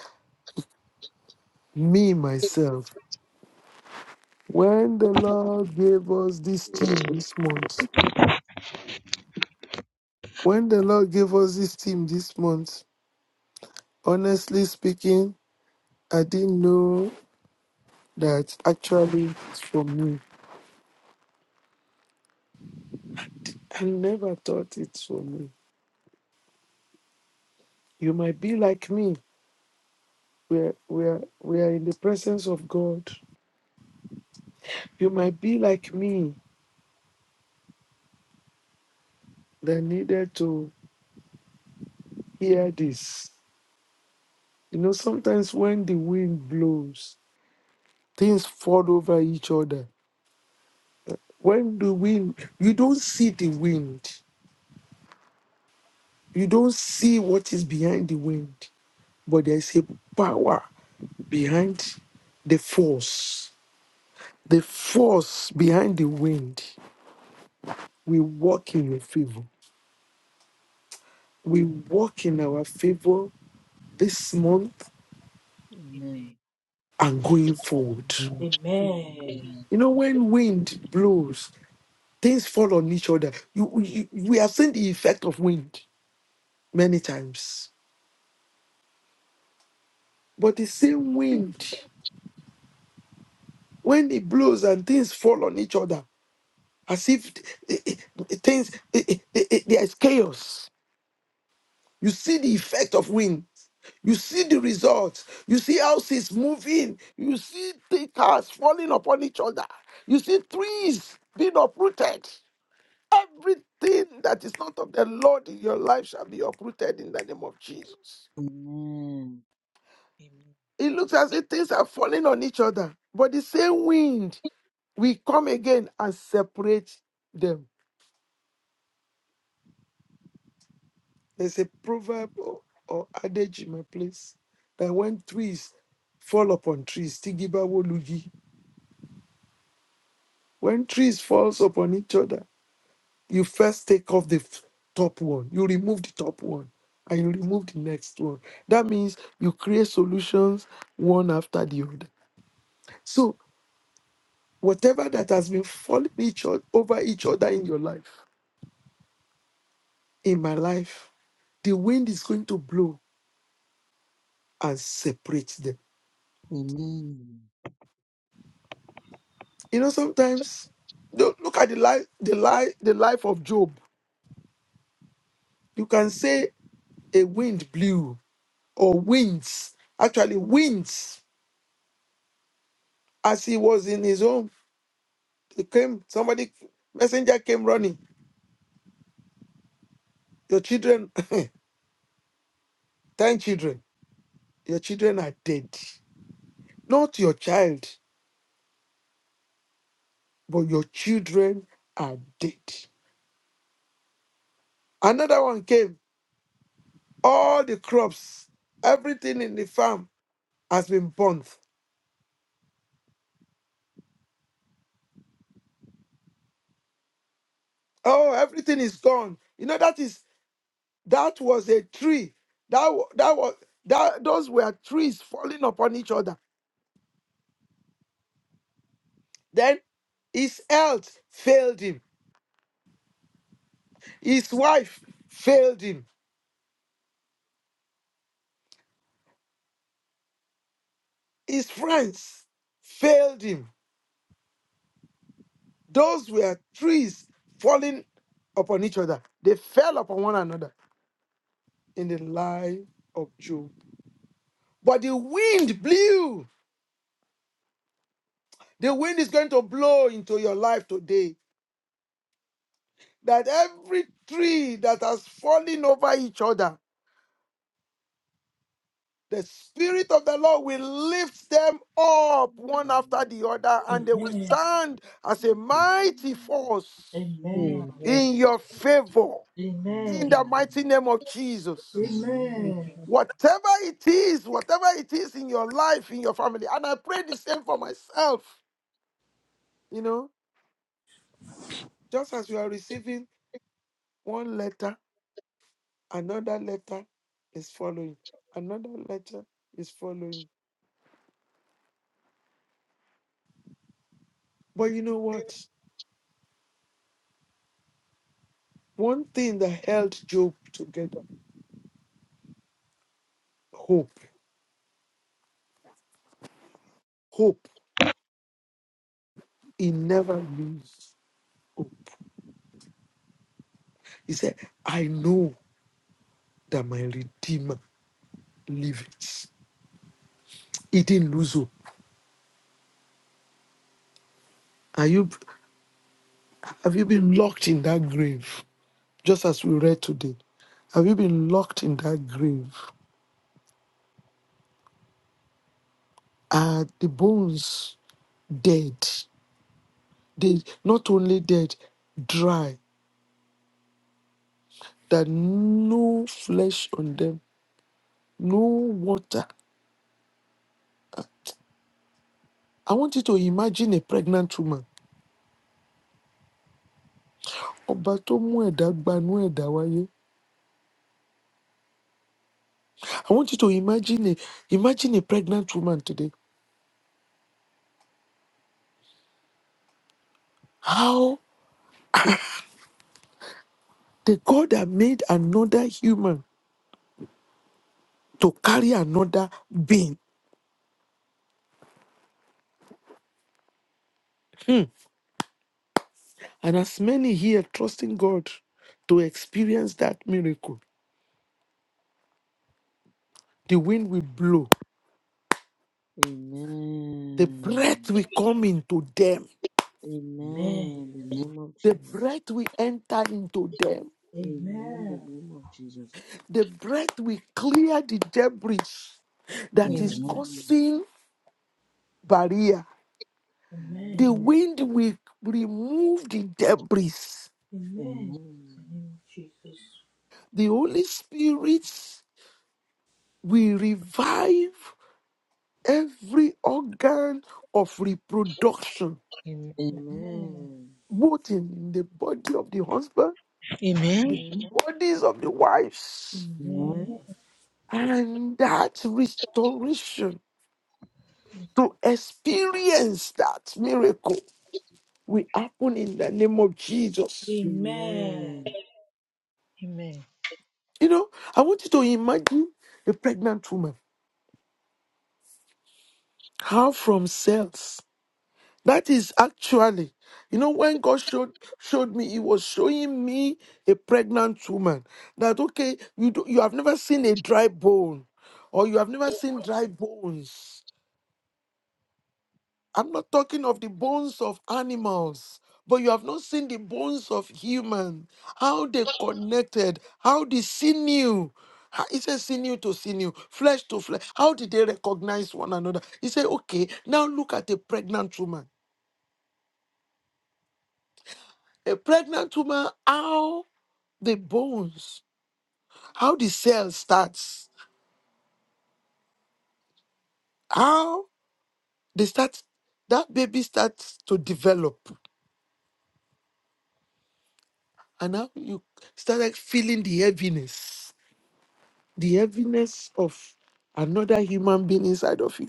[SPEAKER 1] me myself when the lord gave us this team this month when the lord gave us this team this month honestly speaking i didn't know that actually it's from me i never thought it's from me you might be like me we're we're we are in the presence of god you might be like me that needed to hear this you know sometimes when the wind blows things fall over each other When the wind, you don't see the wind, you don't see what is behind the wind, but there's a power behind the force. The force behind the wind We walk in your favor. We walk in our favor this month
[SPEAKER 4] Amen.
[SPEAKER 2] Amen.
[SPEAKER 1] and going forward.
[SPEAKER 4] Amen.
[SPEAKER 3] Amen.
[SPEAKER 2] Amen.
[SPEAKER 1] You know, when wind blows, things fall on each other. You, you, we have seen the effect of wind many times, but the same wind when it blows and things fall on each other as if eh, eh, eh, things eh, eh, eh, eh, there is chaos you see the effect of wind you see the results you see houses moving you see the cars falling upon each other you see trees being uprooted everything that is not of the lord in your life shall be uprooted in the name of jesus
[SPEAKER 2] Amen.
[SPEAKER 4] Amen.
[SPEAKER 1] it looks as if things are falling on each other but the same wind will come again and separate them There's a proverb or, or adage in my place that when trees fall upon trees, tigiba wolugi, when trees falls upon each other, you first take off the f- top one, you remove the top one, and you remove the next one. That means you create solutions one after the other. So whatever that has been falling each other, over each other in your life, in my life, the wind is going to blow and separate them
[SPEAKER 2] Amen. Amen.
[SPEAKER 1] You know, sometimes look look at the life, the life, the life of Job. You can say a wind blew or winds actually winds as he was in his home he came somebody messenger came running your children 10 children your children are dead not your child but your children are dead another one came all the crops everything in the farm has been burnt oh everything is gone you know that is That was a tree. That wa- that was that those were trees falling upon each other. Then his health failed him. His wife failed him. His friends failed him. Those were trees falling upon each other. They fell upon one another in the life of Job. But the wind blew. The wind is going to blow into your life today. That every tree that has fallen over each other The Spirit of the Lord will lift them up one after the other, and they will
[SPEAKER 3] Amen.
[SPEAKER 1] stand as a mighty force
[SPEAKER 3] Amen.
[SPEAKER 4] Amen.
[SPEAKER 1] in your favor
[SPEAKER 3] Amen.
[SPEAKER 4] Amen.
[SPEAKER 1] in the
[SPEAKER 4] Amen.
[SPEAKER 1] mighty
[SPEAKER 2] Amen.
[SPEAKER 1] name of Jesus.
[SPEAKER 4] Amen.
[SPEAKER 2] Amen.
[SPEAKER 3] Amen.
[SPEAKER 1] Whatever it is, whatever it is in your life, in your family, and I pray the same for myself, you know, just as you are receiving one letter, another letter is following, another letter is following. But you know what? One thing that held Job together hope. Hope. He never loses hope. He said, I know that my Redeemer lives. He didn't lose hope. Are you have you been locked in that grave? Just as we read today. Have you been locked in that grave? Are the bones dead? They not only dead, dry, that no flesh on them, no water. I want you to imagine a pregnant woman Ọba tó mú ẹ̀dá gbanú ẹ̀dá wáyé. I want you to imagine a, imagine a pregnant woman today. How the God that made another human to carry another being. Hmm. And as many here trusting God to experience that miracle, the wind will blow, the
[SPEAKER 2] Amen.
[SPEAKER 1] breath will come into them,
[SPEAKER 3] Amen.
[SPEAKER 2] Amen. The name of
[SPEAKER 1] the
[SPEAKER 2] Jesus.
[SPEAKER 1] breath will enter into them,
[SPEAKER 2] Amen. The
[SPEAKER 3] Amen.
[SPEAKER 2] name of Jesus.
[SPEAKER 1] the breath will clear the debris that
[SPEAKER 4] Amen.
[SPEAKER 1] is
[SPEAKER 2] Amen.
[SPEAKER 1] causing barrier
[SPEAKER 3] Amen.
[SPEAKER 1] The wind will remove the debris.
[SPEAKER 3] Amen. Amen. In the name
[SPEAKER 2] Amen.
[SPEAKER 3] of
[SPEAKER 2] Amen.
[SPEAKER 3] Jesus.
[SPEAKER 1] The Holy Spirit will revive every organ of reproduction,
[SPEAKER 4] Amen.
[SPEAKER 3] Amen.
[SPEAKER 2] Amen.
[SPEAKER 1] both in the body of the husband, the bodies of the wives,
[SPEAKER 3] Amen.
[SPEAKER 2] Amen.
[SPEAKER 1] and that restoration to experience that miracle will happen in the name of Jesus.
[SPEAKER 2] Amen.
[SPEAKER 3] Amen.
[SPEAKER 4] Amen.
[SPEAKER 1] You know, I want you to imagine a pregnant woman, how from cells. That is actually, you know, when God showed showed me, He was showing me a pregnant woman. That okay, you do, you have never seen a dry bone, or you have never seen dry bones. I'm not talking of the bones of animals, but you have not seen the bones of human. How they connected, how the sinew. how- He said sinew to sinew, flesh to flesh. How did they recognize one another? He said, okay, now look at a pregnant woman. A pregnant woman, how the bones, how the cell starts, how they start, that baby starts to develop. And now you started feeling the heaviness, the heaviness of another human being inside of you.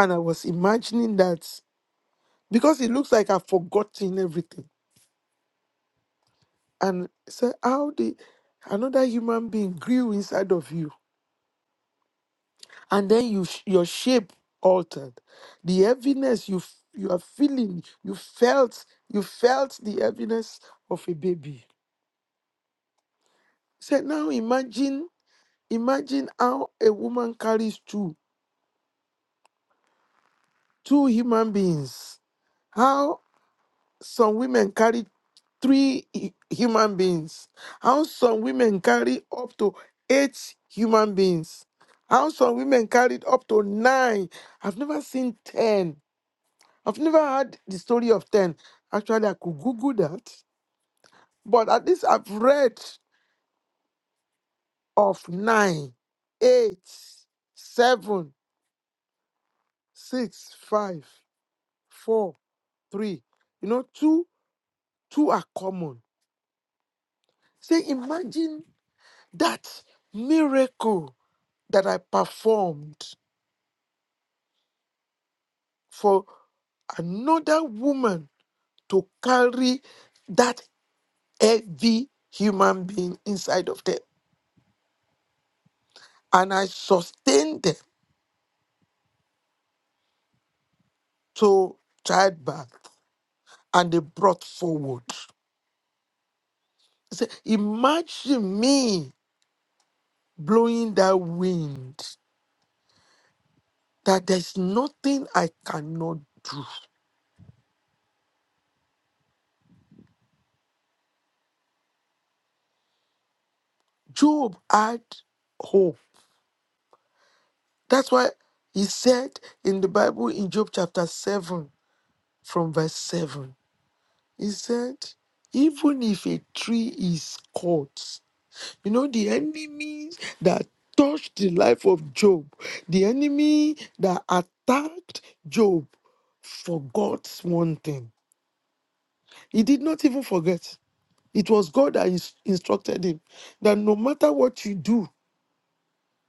[SPEAKER 1] And I was imagining that because it looks like I've forgotten everything. And so how the another human being grew inside of you and then you sh- your shape altered the heaviness you f- you are feeling you felt you felt the heaviness of a baby so now imagine imagine how a woman carries two two human beings how some women carry three hu- human beings how some women carry up to eight human beings how some women carried up to nine i've never seen ten I've never heard the story of 10. Actually, I could Google that. But at least I've read of 9, 8, 7, 6, 5, 4, 3. You know, two, two are common. Say, imagine that miracle that I performed for another woman to carry that heavy human being inside of them. And I sustained them. to childbirth and they brought forward. He said, Imagine me blowing that wind, that there's nothing I cannot do. Job had hope. That's why he said in the Bible in Job chapter 7, from verse 7, he said, Even if a tree is cut You know, the enemies that touched the life of Job, the enemy that attacked Job forgot one thing. He did not even forget. It was God that ins- instructed him that no matter what you do,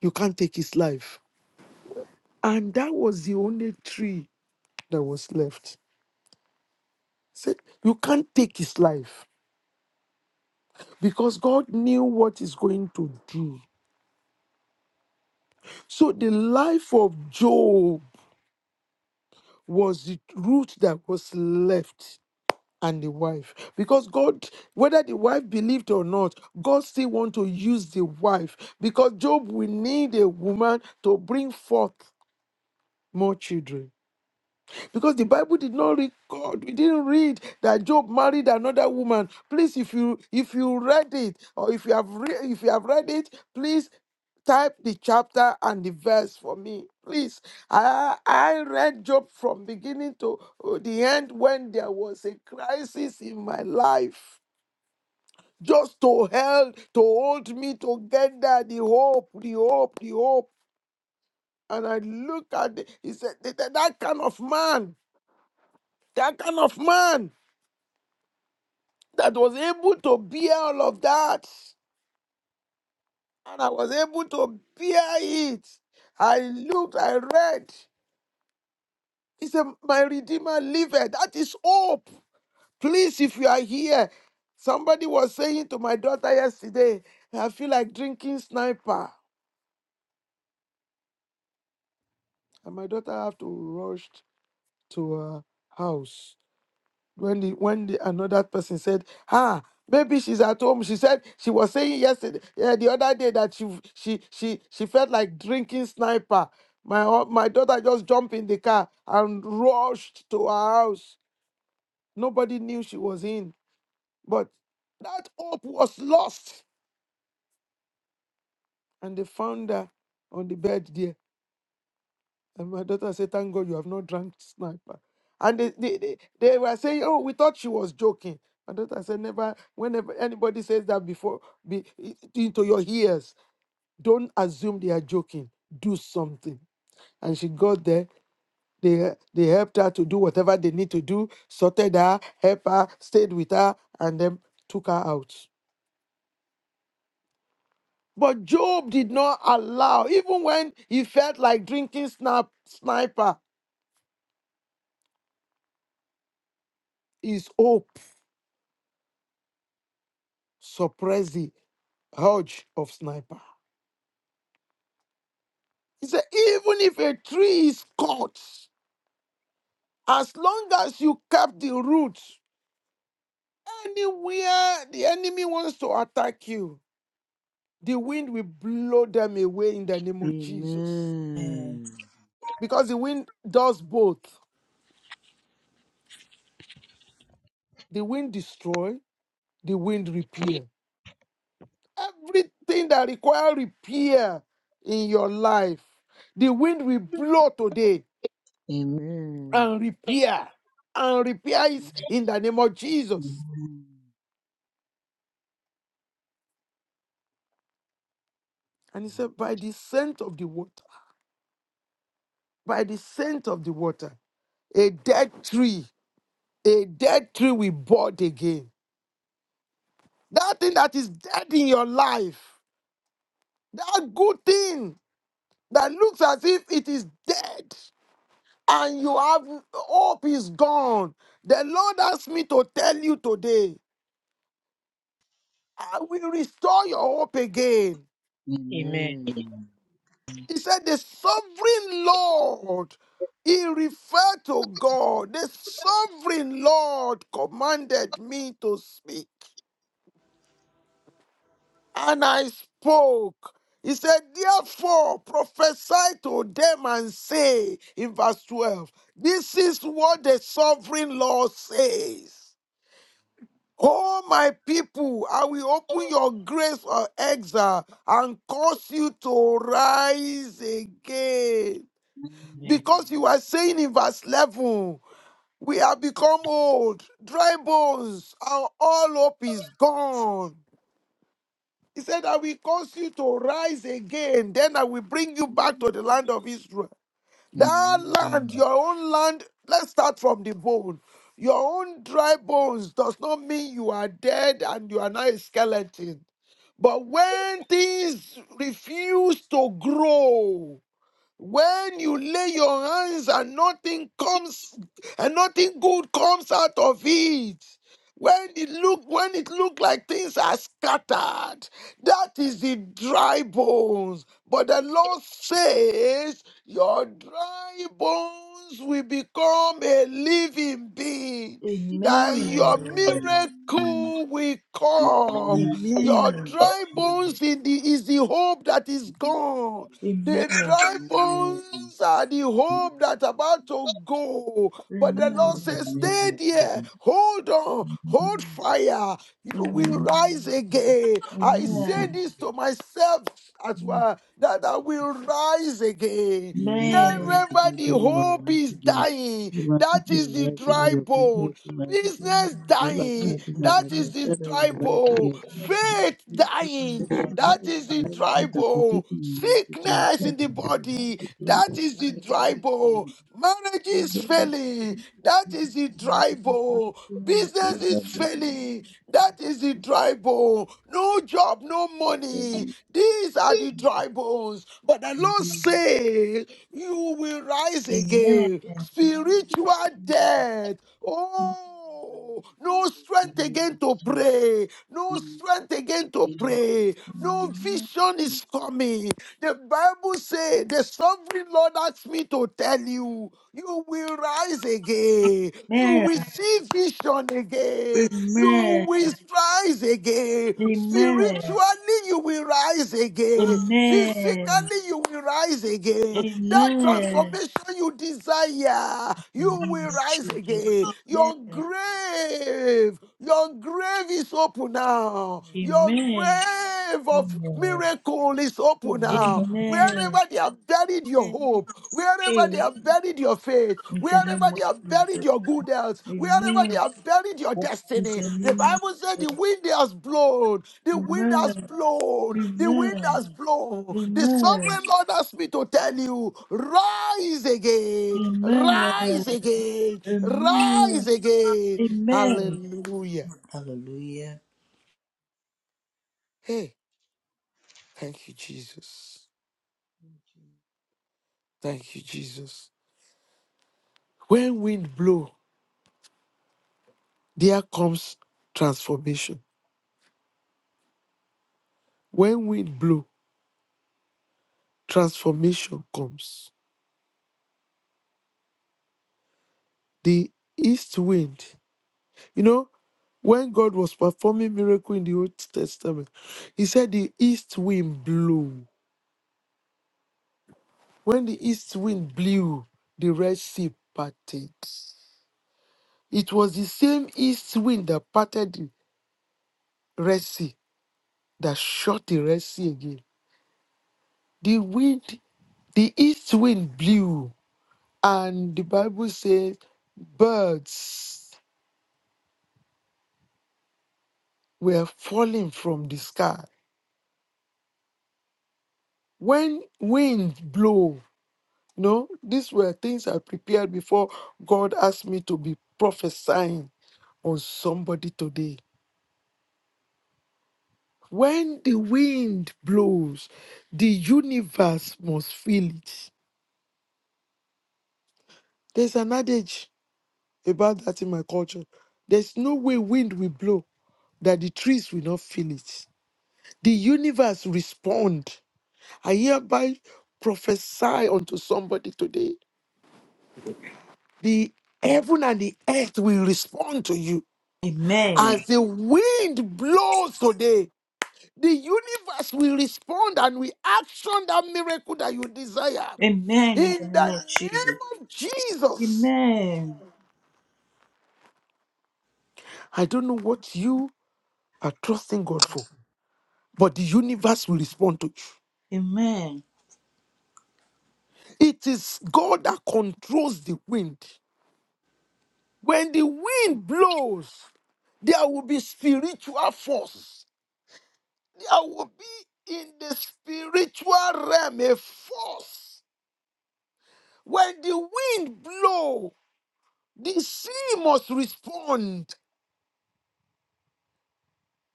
[SPEAKER 1] you can't take his life. And that was the only tree that was left. Said, you can't take his life because God knew what he's going to do. So the life of Job was the root that was left and the wife because god whether the wife believed or not god still want to use the wife because job will need a woman to bring forth more children because the Bible did not record, We didn't read that Job married another woman. Please, if you if you read it or if you have re- if you have read it, please type the chapter and the verse for me. Please, I I read Job from beginning to uh, the end when there was a crisis in my life. Just to help, to hold me together, the hope, the hope, the hope. And I look at it, he said, that that kind of man, that kind of man. that was able to bear all of that. And I was able to bear it. I looked, I read. He said, My Redeemer liveth. That is hope. Please, if you are here, somebody was saying to my daughter yesterday, I feel like drinking sniper. And my daughter have to rush to her house. when the when the another person said, "Ah, maybe she's at home." She said she was saying yesterday, yeah, the other day that she she she she felt like drinking sniper. My ho- my daughter just jumped in the car and rushed to her house. Nobody knew she was in, but that hope was lost, and they found her on the bed there. And my daughter said, Thank God you have not drunk sniper. And they, they, they, they were saying, Oh, we thought she was joking. My daughter said, Never, whenever anybody says that before, be, into your ears, don't assume they are joking. Do something. And she got there. They, they helped her to do whatever they need to do, sorted her, helped her, stayed with her, and then took her out. But Job did not allow, even when he felt like drinking snap, sniper, his hope suppressed it. Hodge of sniper. He said, even if a tree is cut, as long as you cap the root, anywhere the enemy wants to attack you, the wind will blow them away in the name
[SPEAKER 2] Amen.
[SPEAKER 1] of Jesus.
[SPEAKER 3] Amen.
[SPEAKER 2] Amen.
[SPEAKER 1] Because the wind does both. The wind destroy, the wind repair. Everything that require repair in your life, the wind will blow today
[SPEAKER 2] Amen. Amen. Amen.
[SPEAKER 1] and repair and repair it in the name of Jesus. And he said, By the scent of the water, by the scent of the water, a dead tree, a dead tree will bud again. That thing that is dead in your life, that good thing that looks as if it is dead and you have hope is gone. The Lord asked me to tell you today, I will restore your hope again.
[SPEAKER 2] Amen.
[SPEAKER 4] Amen.
[SPEAKER 1] He said, The sovereign Lord, he referred to God. The sovereign Lord commanded me to speak, and I spoke. He said, Therefore, prophesy to them and say, in verse 12, this is what the sovereign Lord says. Oh, my people, I will open your graves for exile and cause you to rise again. Because you are saying in verse 11, we have become old, dry bones, and all hope is gone. He said, I will cause you to rise again, then I will bring you back to the land of Israel. That
[SPEAKER 2] Amen.
[SPEAKER 1] land, your own land, let's start from the bone. Your own dry bones does not mean you are dead and you are not a skeleton. But when things refuse to grow, when you lay your hands and nothing comes and nothing good comes out of it. When it look when it look like things are scattered, that is the dry bones. But the Lord says, Your dry bones will become a living being. That your
[SPEAKER 3] Amen.
[SPEAKER 1] miracle will
[SPEAKER 2] Amen.
[SPEAKER 1] come. Your
[SPEAKER 3] Amen.
[SPEAKER 1] dry bones
[SPEAKER 2] Amen.
[SPEAKER 1] in the, is the hope that is gone. The
[SPEAKER 3] Amen.
[SPEAKER 1] dry bones are the hope that about to go.
[SPEAKER 2] The
[SPEAKER 1] But the Lord
[SPEAKER 2] name
[SPEAKER 1] says, stay
[SPEAKER 2] of Jesus. Amen. Amen. The name of
[SPEAKER 1] there.
[SPEAKER 2] Jesus.
[SPEAKER 1] Hold on.
[SPEAKER 2] Amen.
[SPEAKER 1] Hold fire. You will
[SPEAKER 2] Amen.
[SPEAKER 1] rise again. I say
[SPEAKER 2] Amen.
[SPEAKER 3] Amen.
[SPEAKER 1] this to myself as well, that I will rise again.
[SPEAKER 2] Amen. Once
[SPEAKER 1] Wherever
[SPEAKER 2] again,
[SPEAKER 1] the
[SPEAKER 2] tell him I
[SPEAKER 1] hope
[SPEAKER 2] once
[SPEAKER 1] is
[SPEAKER 2] again.
[SPEAKER 1] dying,
[SPEAKER 2] You want to
[SPEAKER 1] that
[SPEAKER 2] see
[SPEAKER 1] is
[SPEAKER 2] him
[SPEAKER 1] the
[SPEAKER 2] right again,
[SPEAKER 1] dry
[SPEAKER 2] your business
[SPEAKER 1] bone.
[SPEAKER 2] once again.
[SPEAKER 1] Business
[SPEAKER 2] You want
[SPEAKER 1] dying,
[SPEAKER 2] to see him right
[SPEAKER 1] that is
[SPEAKER 2] again,
[SPEAKER 3] Amen.
[SPEAKER 1] the
[SPEAKER 2] shut up, you
[SPEAKER 1] dry
[SPEAKER 2] right
[SPEAKER 1] bone.
[SPEAKER 2] again.
[SPEAKER 1] Faith
[SPEAKER 3] Amen.
[SPEAKER 1] dying,
[SPEAKER 3] Amen.
[SPEAKER 1] that is the
[SPEAKER 2] with
[SPEAKER 1] dry
[SPEAKER 2] the
[SPEAKER 1] bone.
[SPEAKER 2] particular life that you
[SPEAKER 1] Sickness
[SPEAKER 2] have
[SPEAKER 1] in the
[SPEAKER 2] in
[SPEAKER 1] body. That is the dry bone. Marriage is failing. That is the dry bone.
[SPEAKER 3] Amen.
[SPEAKER 1] Business is failing. That is the dry bone. No job, no money. These are the dry bones. But the Lord says, You will rise
[SPEAKER 3] Amen.
[SPEAKER 1] again. Spiritual death. Oh, no strength again to pray. No strength again to pray. No vision is coming. The Bible says, The sovereign Lord asked me to tell you. You will rise again. You
[SPEAKER 3] Amen.
[SPEAKER 1] will see vision again. You
[SPEAKER 3] Amen.
[SPEAKER 1] will rise again.
[SPEAKER 3] Amen.
[SPEAKER 1] Spiritually, you will rise again.
[SPEAKER 3] Amen.
[SPEAKER 1] Physically, you will rise again. That
[SPEAKER 3] Amen.
[SPEAKER 1] transformation you desire,
[SPEAKER 3] The
[SPEAKER 1] you
[SPEAKER 3] name
[SPEAKER 1] will
[SPEAKER 3] of
[SPEAKER 1] rise
[SPEAKER 3] Jesus.
[SPEAKER 1] again. Your
[SPEAKER 3] Amen.
[SPEAKER 1] grave, your grave is open now. Your
[SPEAKER 3] Amen.
[SPEAKER 1] grave of miracle is open now. Wherever
[SPEAKER 3] Amen.
[SPEAKER 1] they have buried your
[SPEAKER 4] Amen. Amen.
[SPEAKER 1] hope, wherever they
[SPEAKER 4] Amen.
[SPEAKER 1] have buried your faith,
[SPEAKER 3] In the
[SPEAKER 1] wherever
[SPEAKER 3] name
[SPEAKER 1] they
[SPEAKER 3] of
[SPEAKER 1] have buried
[SPEAKER 3] Jesus.
[SPEAKER 1] your good health, wherever they
[SPEAKER 3] Amen.
[SPEAKER 1] have buried your
[SPEAKER 3] In
[SPEAKER 1] destiny,
[SPEAKER 3] the
[SPEAKER 1] the
[SPEAKER 3] name of
[SPEAKER 1] Bible said the wind has blown, the wind has blown, the wind
[SPEAKER 3] Amen.
[SPEAKER 1] has blown. The
[SPEAKER 3] Amen.
[SPEAKER 1] sovereign Lord asked me to tell you, rise again,
[SPEAKER 3] Amen.
[SPEAKER 1] rise
[SPEAKER 3] Amen.
[SPEAKER 1] again, rise
[SPEAKER 3] Amen.
[SPEAKER 1] again.
[SPEAKER 3] Amen.
[SPEAKER 1] Hallelujah.
[SPEAKER 3] Hallelujah.
[SPEAKER 1] Hey, thank you, Jesus. Thank you, Jesus. When wind blow. There comes transformation. When wind blow, transformation comes. The east wind. You know, when God was performing miracle in the Old Testament, he said the east wind blew. When the east wind blew, the Red Sea parted. It was the same east wind that parted the Red Sea, that shut the Red Sea again. The wind, the east wind blew And the Bible says birds were falling from the sky. When wind blow, you know, these were things I prepared before God asked me to be prophesying on somebody today. When the wind blows, the universe must feel it. There's an adage about that in my culture. There's no way wind will blow that the trees will not feel it. The universe respond I hereby prophesy unto somebody today. The heaven and the earth will respond to you.
[SPEAKER 3] Amen.
[SPEAKER 1] As the wind blows today, the universe will respond and will action that miracle that you desire.
[SPEAKER 3] Amen. In the
[SPEAKER 1] In
[SPEAKER 3] name
[SPEAKER 1] the
[SPEAKER 3] of Jesus.
[SPEAKER 1] name of Jesus.
[SPEAKER 3] Amen.
[SPEAKER 1] I don't know what you are trusting God for, but the universe will respond to you.
[SPEAKER 3] Amen.
[SPEAKER 1] It is God that controls the wind. When the wind blows, there will be spiritual force. There will be in the spiritual realm a force. When the wind blow, the sea must respond.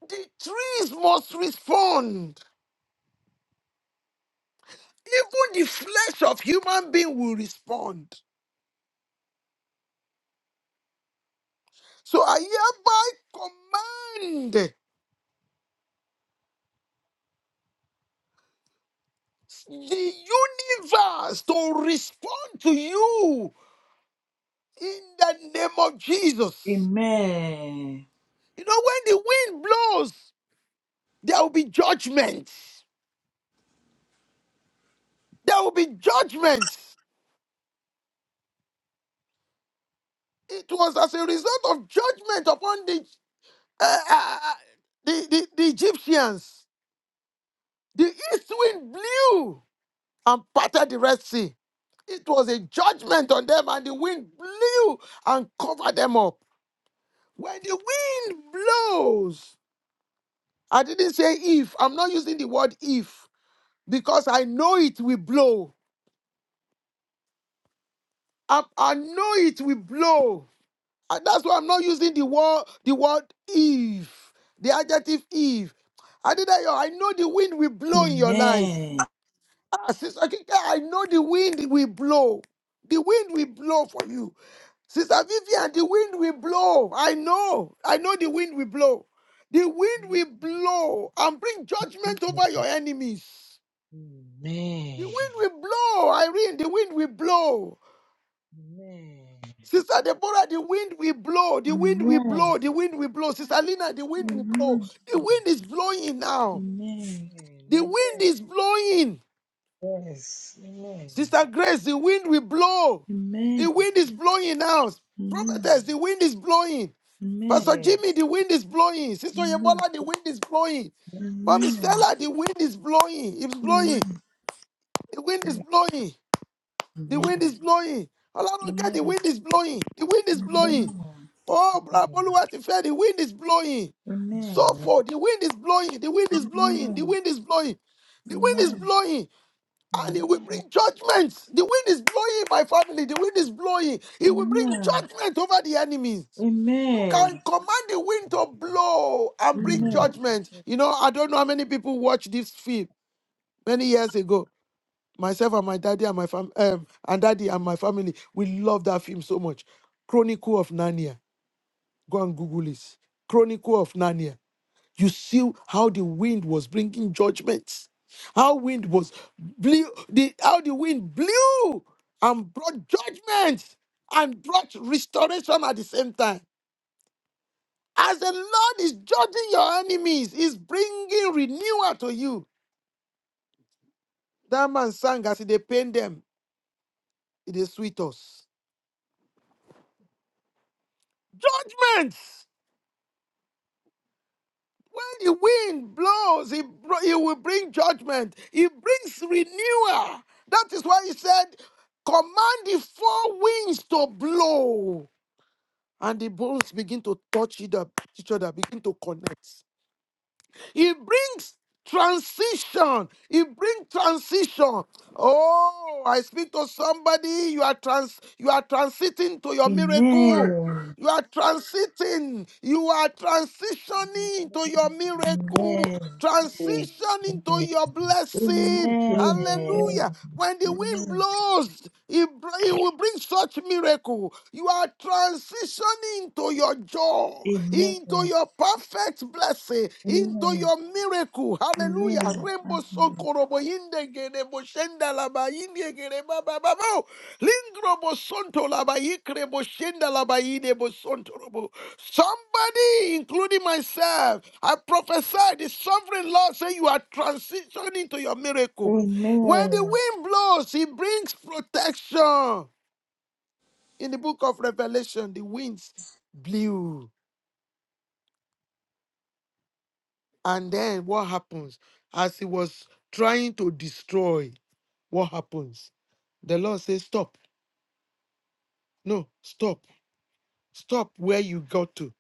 [SPEAKER 1] The trees must respond. Even the flesh of human being will respond. So I hereby command the universe to respond to you in the name of Jesus.
[SPEAKER 3] Amen.
[SPEAKER 1] You know, when the wind blows, there will be judgment. There will be judgment. It was as a result of judgment upon the uh, uh, uh, the, the, the Egyptians. The east wind blew and parted the Red Sea. It was a judgment on them, and the wind blew and covered them up. When the wind blows, I didn't say if, I'm not using the word if because I know it will blow. I, I know it will blow. I- that's why I'm not using the word the word if, the adjective if. Adedayo, I know the wind will blow in your life.
[SPEAKER 3] Amen.
[SPEAKER 1] Ah, Sister Kike, I know the wind will blow. The wind will blow for you. Sister Vivian, the wind will blow. I know. I know the wind will blow. The wind
[SPEAKER 4] Amen.
[SPEAKER 1] will blow and bring judgment
[SPEAKER 4] Amen.
[SPEAKER 1] over your enemies. The
[SPEAKER 4] Amen.
[SPEAKER 1] wind will blow, Irene. The wind will blow.
[SPEAKER 4] Amen.
[SPEAKER 1] Sister Deborah, the wind will blow, the wind will
[SPEAKER 3] Amen.
[SPEAKER 1] blow, the wind will blow. Sister Lina, the wind will blow.
[SPEAKER 3] Amen.
[SPEAKER 1] The
[SPEAKER 4] Amen.
[SPEAKER 1] wind is blowing now.
[SPEAKER 3] Amen.
[SPEAKER 1] The
[SPEAKER 4] Amen.
[SPEAKER 1] wind is blowing.
[SPEAKER 4] Yes. Amen.
[SPEAKER 1] Sister Grace, the wind will blow. The
[SPEAKER 3] Amen.
[SPEAKER 1] wind is blowing now.
[SPEAKER 3] Amen.
[SPEAKER 1] Prophetess,
[SPEAKER 4] Amen.
[SPEAKER 1] the wind is blowing. Pastor Jimmy,
[SPEAKER 4] Yes.
[SPEAKER 1] the wind is blowing. Sister
[SPEAKER 3] Amen. Amen.
[SPEAKER 1] Yebola, the wind is blowing.
[SPEAKER 4] Amen.
[SPEAKER 1] Mommy
[SPEAKER 3] Amen.
[SPEAKER 1] Stella, the wind is blowing. It's blowing.
[SPEAKER 3] Amen.
[SPEAKER 1] The wind is blowing. The wind is blowing. Olaronka, the
[SPEAKER 3] Amen.
[SPEAKER 1] wind is blowing. The wind is
[SPEAKER 4] Amen.
[SPEAKER 1] blowing.
[SPEAKER 3] Amen.
[SPEAKER 1] Oh, Braboluwa ti fẹ́, the wind is blowing.
[SPEAKER 3] Amen.
[SPEAKER 1] So
[SPEAKER 4] Amen.
[SPEAKER 1] far, the wind is blowing, the wind is blowing, the
[SPEAKER 3] Amen.
[SPEAKER 1] wind is blowing, the wind is
[SPEAKER 3] Amen. Amen.
[SPEAKER 1] blowing, and it will
[SPEAKER 4] Amen.
[SPEAKER 1] bring judgment. The wind is blowing, my family, the wind is blowing.
[SPEAKER 3] Amen. Amen. Amen. Amen.
[SPEAKER 1] It will bring
[SPEAKER 3] Amen.
[SPEAKER 1] judgment over the enemies. You can command the wind to blow and bring judgment. You know, I don't know how many people watched this film many years ago. Myself and my daddy and my fam um, and daddy and my family, we love that film so much. Chronicle of Narnia Go and Google it. Chronicle of Narnia. You see how the wind was bringing judgments. How wind was blew the how the wind blew and brought judgment and brought restoration at the same time. As the Lord is judging your enemies, He's bringing renewal to you. That man sang as they pain them, it is sweet us. Judgment! When the wind blows, he, br- he will bring judgment. He brings renewal. That is why he said, Command the four winds to blow. And the bones begin to touch each other, each other, begin to connect. He brings transition. He brings transition. Oh, I speak to somebody. You are trans you are transiting to your miracle. You are transiting. You are transitioning into your miracle. Transition into
[SPEAKER 4] Amen. Amen.
[SPEAKER 1] your blessing.
[SPEAKER 3] Amen.
[SPEAKER 1] Hallelujah. When the wind blows, it, br- it will bring such miracle. You are transitioning into your joy, into your perfect blessing,
[SPEAKER 3] Amen. Amen.
[SPEAKER 1] into
[SPEAKER 3] Amen.
[SPEAKER 1] your miracle. Hallelujah.
[SPEAKER 3] Amen.
[SPEAKER 1] Rembo
[SPEAKER 3] Amen.
[SPEAKER 1] sokorobo yinde gerebo shendalaba yinde gereba bababo. Lingro bosonto labayikre boshenda labayide bosonto Somebody, including myself, I prophesy the sovereign Lord say you are transitioning to your miracle. When the
[SPEAKER 3] Amen.
[SPEAKER 1] wind blows, he brings protection. In the book of Revelation, the winds blew. And then what happens? As he was trying to destroy, what happens? The Lord says, Stop. No, stop. Stop where you got to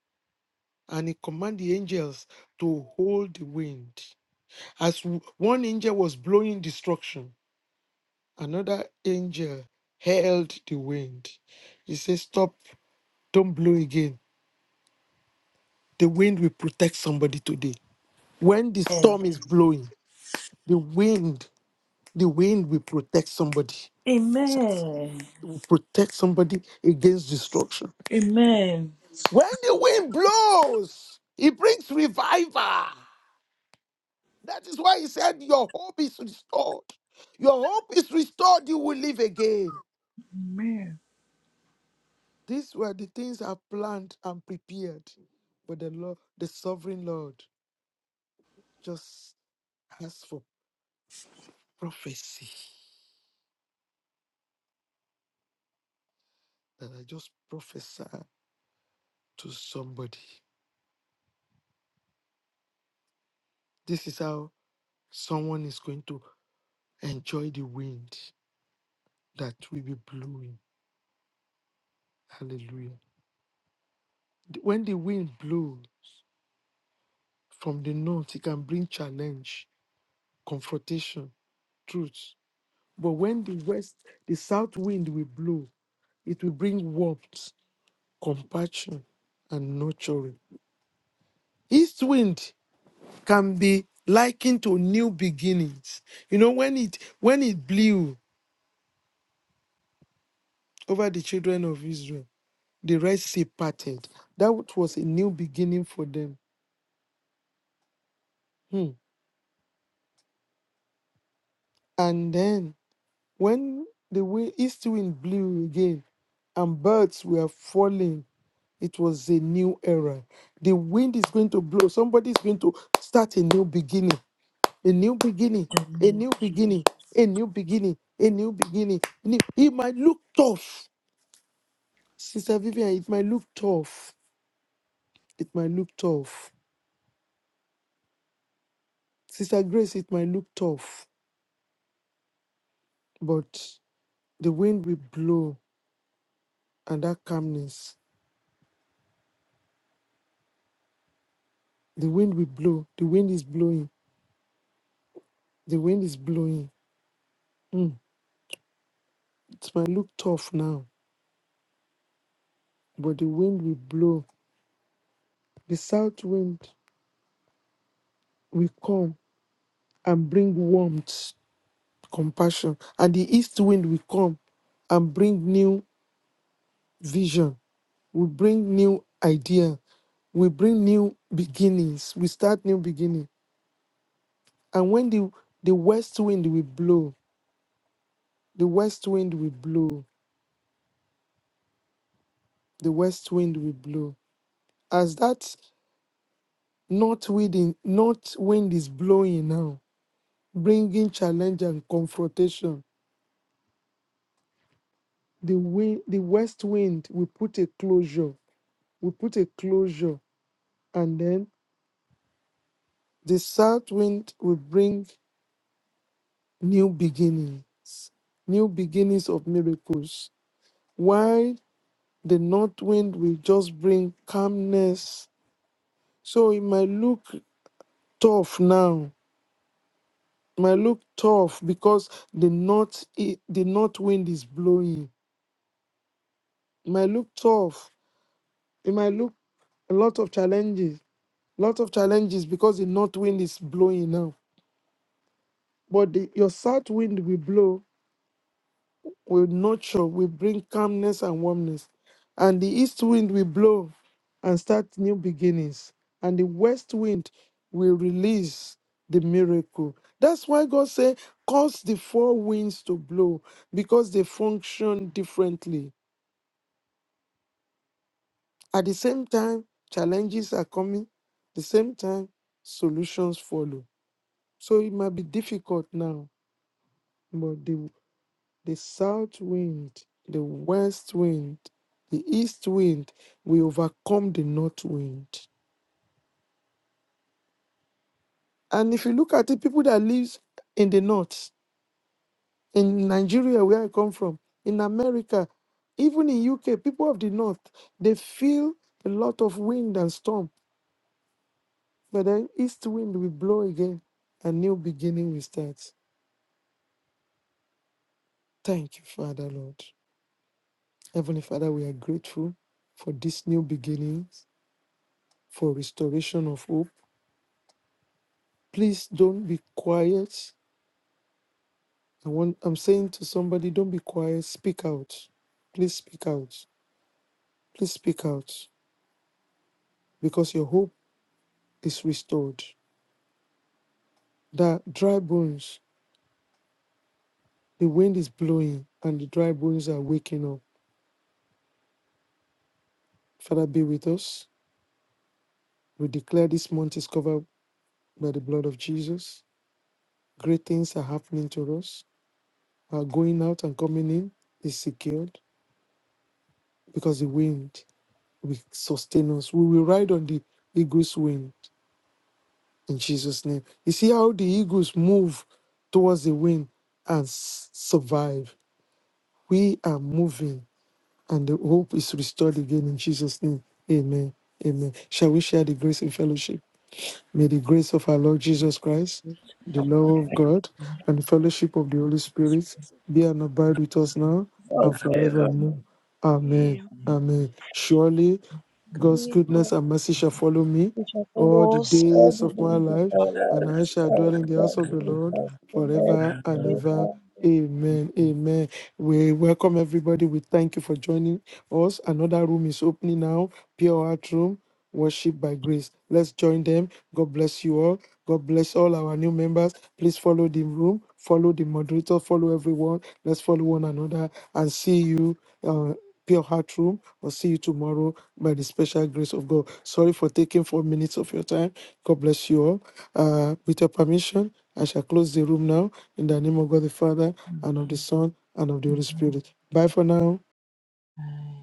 [SPEAKER 1] and he commanded the angels to hold the wind. As w- one angel was blowing destruction, another angel held the wind. He said, Stop, don't blow again. The wind will protect somebody today. When the storm is blowing, the wind, the wind will protect somebody.
[SPEAKER 3] Amen. Amen.
[SPEAKER 1] It will protect somebody against destruction.
[SPEAKER 3] Amen.
[SPEAKER 1] When the wind blows, it brings revival. That is why he said, Your hope is restored. Your hope is restored. You will live again.
[SPEAKER 3] Amen.
[SPEAKER 1] These were the things I planned and prepared. But the Lord, the sovereign Lord, just asked for prophecy. That I just prophesy to somebody. This is how someone is going to enjoy the wind that will be blowing. Hallelujah. When the wind blows from the north, it can bring challenge, confrontation, truth. But when the west, the south wind will blow, it will bring warmth, compassion, and nurturing. East wind can be likened to new beginnings. You know, when it when it blew over the children of Israel, the Red Sea parted. That was a new beginning for them. Hmm. And then when the wi- east wind blew again, and birds were falling It was a new era. The wind is going to blow. Somebody is going to start a new beginning. A new beginning.
[SPEAKER 3] The
[SPEAKER 1] A
[SPEAKER 3] name of
[SPEAKER 1] new beginning. A new beginning. A new beginning. New- It might look tough. Sister Vivian, it might look tough. It might look tough. Sister Grace, it might look tough. But the wind will blow and that calmness. The wind will blow. The wind is blowing. The wind is blowing. Mm, It might look tough now, but the wind will blow. The south wind will come and bring warmth, compassion, and the east wind will come and bring new vision, will bring new idea, will bring new beginnings, we start new beginning. And when the the west wind will blow, the west wind will blow, the west wind will blow. As that north wind, in, north wind is blowing now, bringing challenge and confrontation. The wind, the west wind will put a closure will put a closure, and then the south wind will bring new beginnings, new beginnings of miracles, while the north wind will just bring calmness. So it might look tough now, it might look tough because the north, i- the north wind is blowing. It might look tough. It might look a lot of challenges, a lot of challenges because the north wind is blowing now. But the, your south wind will blow will nurture, will bring calmness and warmness. And the east wind will blow and start new beginnings. And the west wind will release the miracle. That's why God said, cause the four winds to blow because they function differently. At the same time, challenges are coming. The same time, solutions follow. So it might be difficult now, but the the south wind, the west wind, the east wind will overcome the north wind. And if you look at the people that lives in the north, in Nigeria where I come from, in America, even in UK, people of the north, they feel a lot of wind and storm, but then east wind will blow again, a new beginning will start. Thank you, Father Lord. Heavenly Father, we are grateful for this new beginnings, for restoration of hope Please don't be quiet. I want, I'm saying to somebody, don't be quiet. Speak out. Please speak out. Please speak out because your hope is restored. That dry bones, the wind is blowing and the dry bones are waking up. Father, be with us. We declare this month is covered by the blood of Jesus. Great things are happening to us. Our going out and coming in is secured because the wind will sustain us. We will ride on the eagle's wing in Jesus' name. You see how the eagles move towards the wind and s- survive. We are moving, and the hope is restored again in Jesus' name. Amen. Amen. Shall we share the grace in fellowship? May the grace of our Lord Jesus Christ,
[SPEAKER 3] Jesus,
[SPEAKER 1] the love of God,
[SPEAKER 3] Lord,
[SPEAKER 1] and the fellowship of the
[SPEAKER 3] we ask
[SPEAKER 1] Holy Spirit
[SPEAKER 3] for
[SPEAKER 1] be and abide
[SPEAKER 3] the
[SPEAKER 1] with us now
[SPEAKER 4] God's
[SPEAKER 1] and
[SPEAKER 3] Father,
[SPEAKER 4] favor.
[SPEAKER 1] forevermore. Amen.
[SPEAKER 4] Amen. Oh, forever.
[SPEAKER 1] Amen. Surely
[SPEAKER 3] God,
[SPEAKER 1] God's
[SPEAKER 4] May God,
[SPEAKER 1] goodness and mercy shall follow me
[SPEAKER 4] we shall
[SPEAKER 1] all the
[SPEAKER 4] follow us all
[SPEAKER 1] days
[SPEAKER 4] the
[SPEAKER 1] of my
[SPEAKER 4] days of
[SPEAKER 1] life,
[SPEAKER 4] our
[SPEAKER 1] and I
[SPEAKER 4] lives.
[SPEAKER 1] shall dwell
[SPEAKER 4] And
[SPEAKER 1] in
[SPEAKER 4] we
[SPEAKER 1] the house
[SPEAKER 4] shall
[SPEAKER 1] of
[SPEAKER 4] be
[SPEAKER 1] the
[SPEAKER 4] with
[SPEAKER 1] Lord
[SPEAKER 4] us in the Lord
[SPEAKER 1] forever and
[SPEAKER 3] in the
[SPEAKER 1] ever.
[SPEAKER 4] forever.
[SPEAKER 1] Amen.
[SPEAKER 3] name.
[SPEAKER 1] Amen. We welcome everybody. We thank you for joining us. Another room is opening now. Pure Heart Room, Worship by Grace. Let's join them. God bless you all. God bless all our new members. Please follow the room, follow the moderator, follow everyone. Let's follow one another and see you. Uh, Pure Heart Room, or see you tomorrow by the special grace of God. Sorry for taking four minutes of your time. God bless you all. Uh, with your permission, I shall close the room now in the name of God the Father and of the
[SPEAKER 3] Amen.
[SPEAKER 1] Son and of the Holy Spirit. Bye for now.
[SPEAKER 3] Amen.